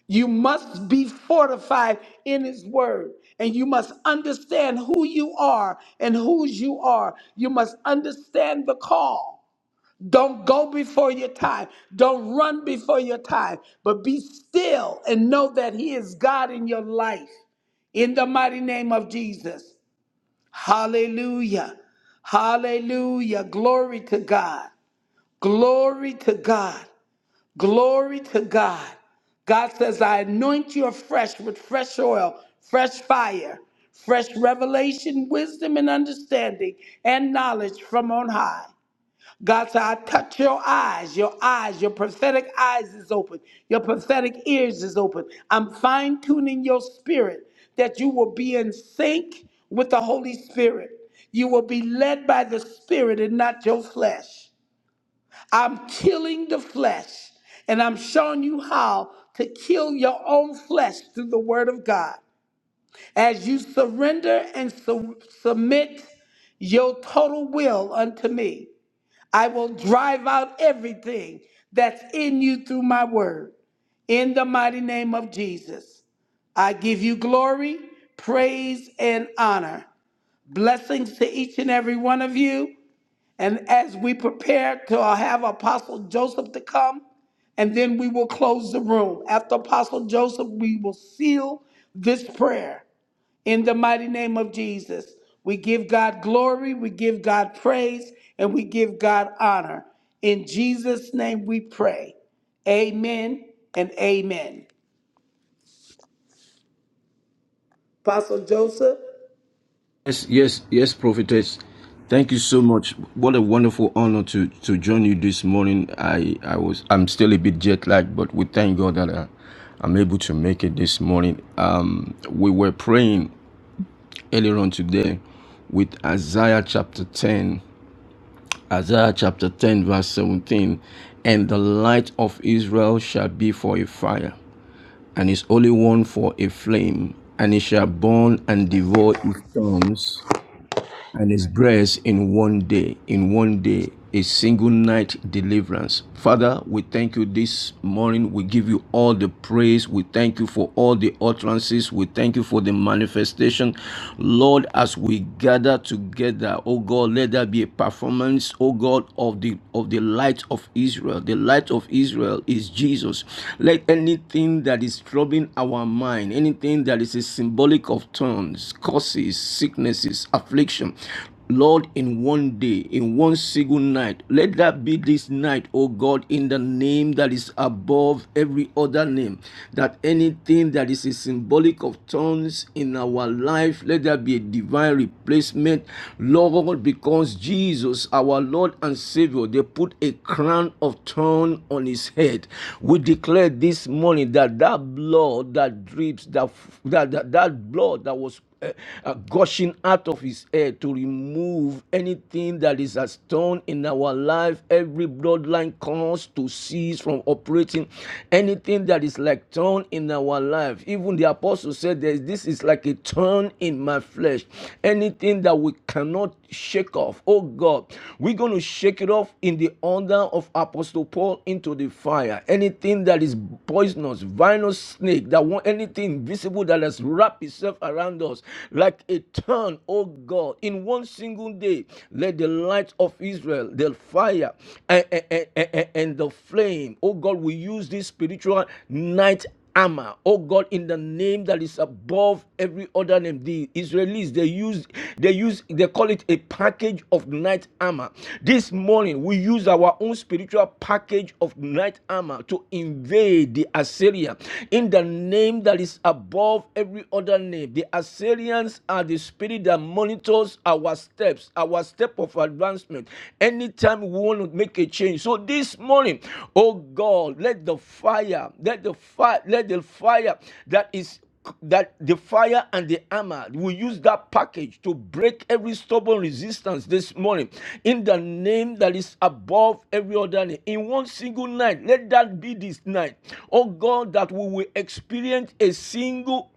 Speaker 2: You must be fortified in His Word, and you must understand who you are and whose you are. You must understand the call. Don't go before your time. Don't run before your time, but be still and know that He is God in your life. In the mighty name of Jesus. Hallelujah. Hallelujah. Glory to God. Glory to God. Glory to God. God says, I anoint you afresh with fresh oil, fresh fire, fresh revelation, wisdom, and understanding, and knowledge from on high. God said, I touch your eyes, your eyes, your prophetic eyes is open, your prophetic ears is open. I'm fine tuning your spirit that you will be in sync with the Holy Spirit. You will be led by the Spirit and not your flesh. I'm killing the flesh, and I'm showing you how to kill your own flesh through the Word of God. As you surrender and su- submit your total will unto me, I will drive out everything that's in you through my Word. In the mighty name of Jesus, I give you glory, praise, and honor. Blessings to each and every one of you. And as we prepare to have Apostle Joseph to come, and then we will close the room. After Apostle Joseph, we will seal this prayer in the mighty name of Jesus. We give God glory, we give God praise, and we give God honor. In Jesus' name we pray. Amen and amen. Apostle Joseph,
Speaker 4: Yes, yes, yes, prophetess. Thank you so much. What a wonderful honor to to join you this morning. I I was I'm still a bit jet lagged, but we thank God that I, I'm able to make it this morning. Um, we were praying earlier on today with Isaiah chapter 10, Isaiah chapter 10 verse 17, and the light of Israel shall be for a fire, and his holy one for a flame, and it shall burn and devour his stones and his breast in one day, in one day, a single night deliverance. Father, we thank you this morning. We give you all the praise. We thank you for all the utterances. We thank you for the manifestation. Lord, as we gather together, oh God, let there be a performance, oh God, of the of the light of Israel. The light of Israel is Jesus. Let anything that is troubling our mind, anything that is a symbolic of tongues, curses, sicknesses, diseases, affliction. Lord, in one day, in one single night, let that be this night, O God, in the name that is above every other name. That anything that is a symbolic of tongues in our life, let there be a divine replacement, Lord, because Jesus, our Lord and Savior, they put a crown of thorn on his head. We declare this morning that that blood that drips, that that, that, that blood that was uh, uh, gushing out of his head to remove anything that is a stone in our life, every bloodline cause to cease from operating, anything that is like thorn in our life. Even the apostle said this, this is like a thorn in my flesh. Anything that we cannot shake off. Oh God, we're going to shake it off in the order of Apostle Paul into the fire. Anything that is poisonous, vinous snake, that want anything visible that has wrapped itself around us like a turn, oh God, in one single day, let the light of Israel, the fire and, and, and and the flame, oh God, we use this spiritual night armor, oh God, in the name that is above every other name. The Israelis they use they use they call it a package of night armor. This morning we use our own spiritual package of night armor to invade the Assyria in the name that is above every other name. The Assyrians are the spirit that monitors our steps, our step of advancement moment, anytime we want to make a change. So this morning, oh God, let the fire, let the fire, let the fire that is that the fire and the armor we use that package to break every stubborn resistance this morning in the name that is above every other name in one single night let that be this night oh god that we will experience a single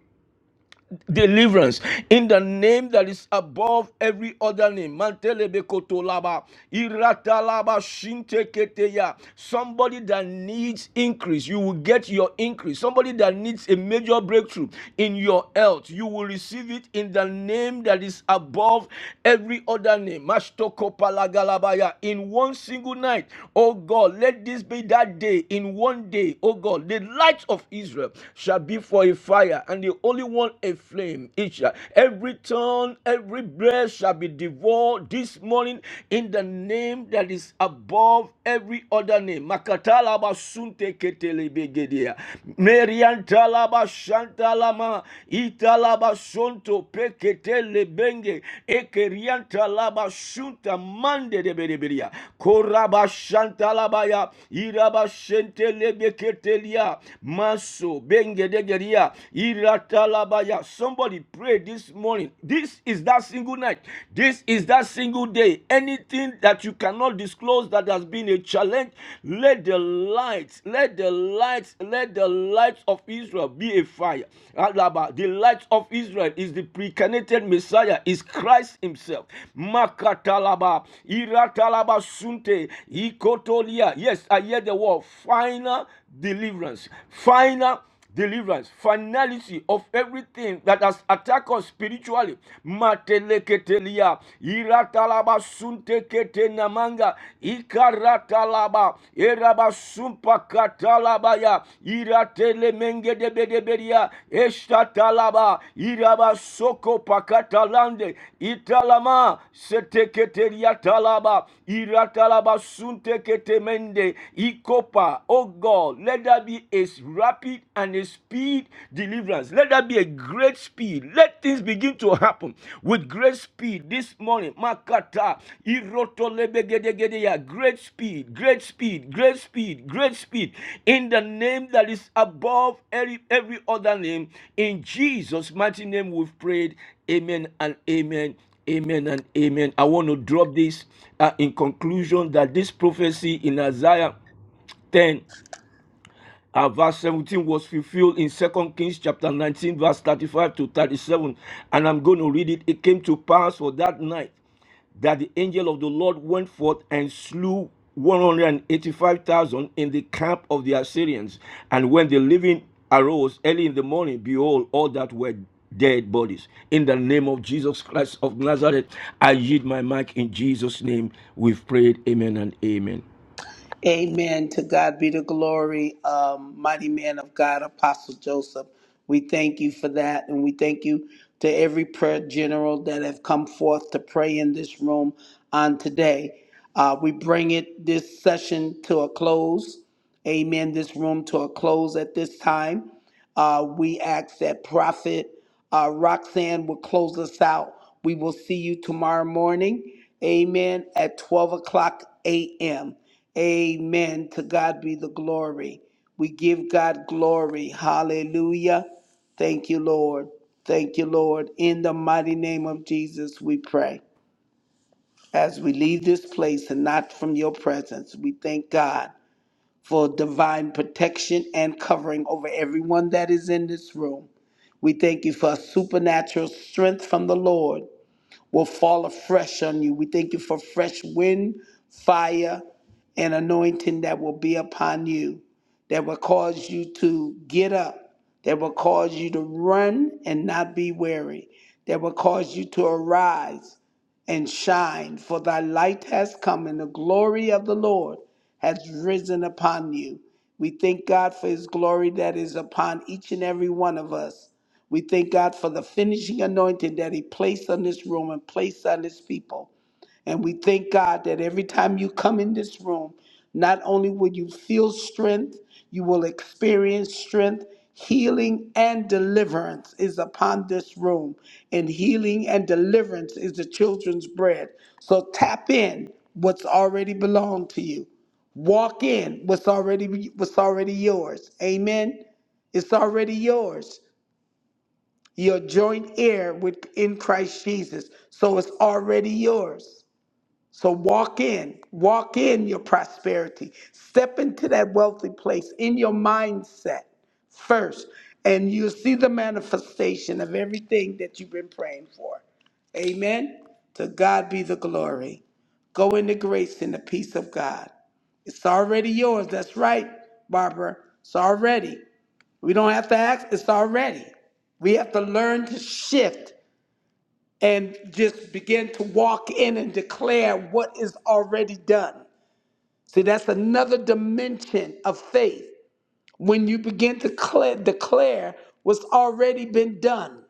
Speaker 4: deliverance in the name that is above every other name. Mantelebekotolaba, iratalaba, shinteketeya. Somebody that needs increase, you will get your increase. Somebody that needs a major breakthrough in your health, you will receive it in the name that is above every other name. Mashtokopalagalabaya. In one single night, oh God, let this be that day. In one day, oh God, the light of Israel shall be for a fire and the Holy One a flame each. Every tongue, every breath shall be devoured this morning in the name that is above every other name. Makatalaba sunte ketelebegedia. Meriantalaba shantalama. Italaba sonto peketelebenge. Ekeriantalaba sunta mande de bedebedia. Koraba shantalabaya. Iraba shente lebeketelia. Maso benge. Mazengedegeria, Iratalabaya. Somebody pray this morning. This is that single night. This is that single day. Anything that you cannot disclose that has been a challenge, let the light, let the light, let the light of Israel be a fire. Alaba, The light of Israel is the pre precarnated Messiah, is Christ Himself. Makatalaba, Iratalaba Sunte, Ikotolia. Yes, I hear the word final deliverance. Final deliverance, finality of everything that has attacked us spiritually. Mateleketelia, iratalaba suntekete namanga, ikaratalaba, eraba sumpa iratele menge debedeberia, eshtatalaba, iraba soko pakatalande, italama, seteketeria talaba, iratalaba suntekete mende, ikopa, oh God, let let there be a rapid and a speed deliverance. Let there be a great speed. Let things begin to happen with great speed this morning. Makata, irotolebegedegedea. Great speed, great speed, great speed, great speed. In the name that is above every, every other name. In Jesus' mighty name we've prayed. Amen and amen. Amen and amen. I want to drop this uh, in conclusion that this prophecy in Isaiah 10 uh, verse 17 was fulfilled in second kings chapter 19 verse 35 to 37 and i'm going to read it it came to pass for that night that the angel of the lord went forth and slew 185,000 in the camp of the assyrians and when the living arose early in the morning behold all that were dead bodies in the name of jesus christ of nazareth i yield my mic in jesus name we've prayed amen and amen
Speaker 2: Amen. To God be the glory, um, mighty man of God, Apostle Joseph. We thank you for that, and we thank you to every prayer general that have come forth to pray in this room on today. Uh, we bring it this session to a close. Amen. This room to a close at this time. Uh, we ask that prophet. Uh, Roxanne will close us out. We will see you tomorrow morning. Amen. At 12 o'clock a.m. Amen. To God be the glory. We give God glory. Hallelujah. Thank you, Lord. Thank you, Lord. In the mighty name of Jesus, we pray. As we leave this place and not from your presence, we thank God for divine protection and covering over everyone that is in this room. We thank you for a supernatural strength from the Lord will fall afresh on you. We thank you for fresh wind, fire, and anointing that will be upon you, that will cause you to get up, that will cause you to run and not be weary, that will cause you to arise and shine, for thy light has come, and the glory of the Lord has risen upon you. We thank God for his glory that is upon each and every one of us. We thank God for the finishing anointing that He placed on this room and placed on His people. And we thank God that every time you come in this room, not only will you feel strength, you will experience strength. Healing and deliverance is upon this room, and healing and deliverance is the children's bread. So tap in what's already belonged to you. Walk in what's already what's already yours. Amen. It's already yours. You're joint heir with in Christ Jesus. So it's already yours. So walk in, walk in your prosperity. Step into that wealthy place in your mindset first, and you'll see the manifestation of everything that you've been praying for. Amen. To God be the glory. Go in the grace and the peace of God. It's already yours. That's right, Barbara. It's already. We don't have to ask, it's already. We have to learn to shift and just begin to walk in and declare what is already done. See, that's another dimension of faith. When you begin to cla- declare what's already been done,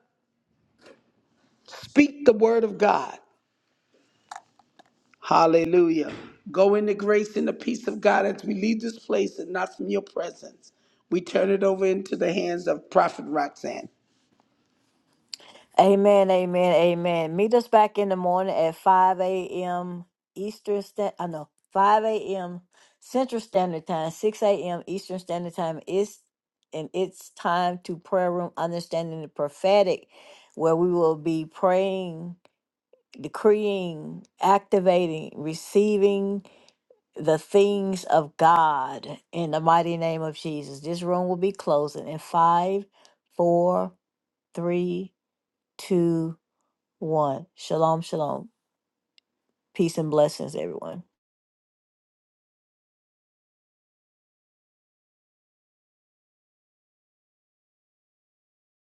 Speaker 2: speak the word of God. Hallelujah. Go in the grace and the peace of God as we leave this place and not from your presence. We turn it over into the hands of Prophet Roxanne.
Speaker 1: Amen, amen, amen. Meet us back in the morning at 5 a.m. Eastern Standard I know, 5 a.m. Central Standard Time, 6 a.m. Eastern Standard Time. It's and it's time to prayer room understanding the prophetic, where we will be praying, decreeing, activating, receiving the things of God in the mighty name of Jesus. This room will be closing in five, four, three, two, one. Shalom, shalom. Peace and blessings, everyone.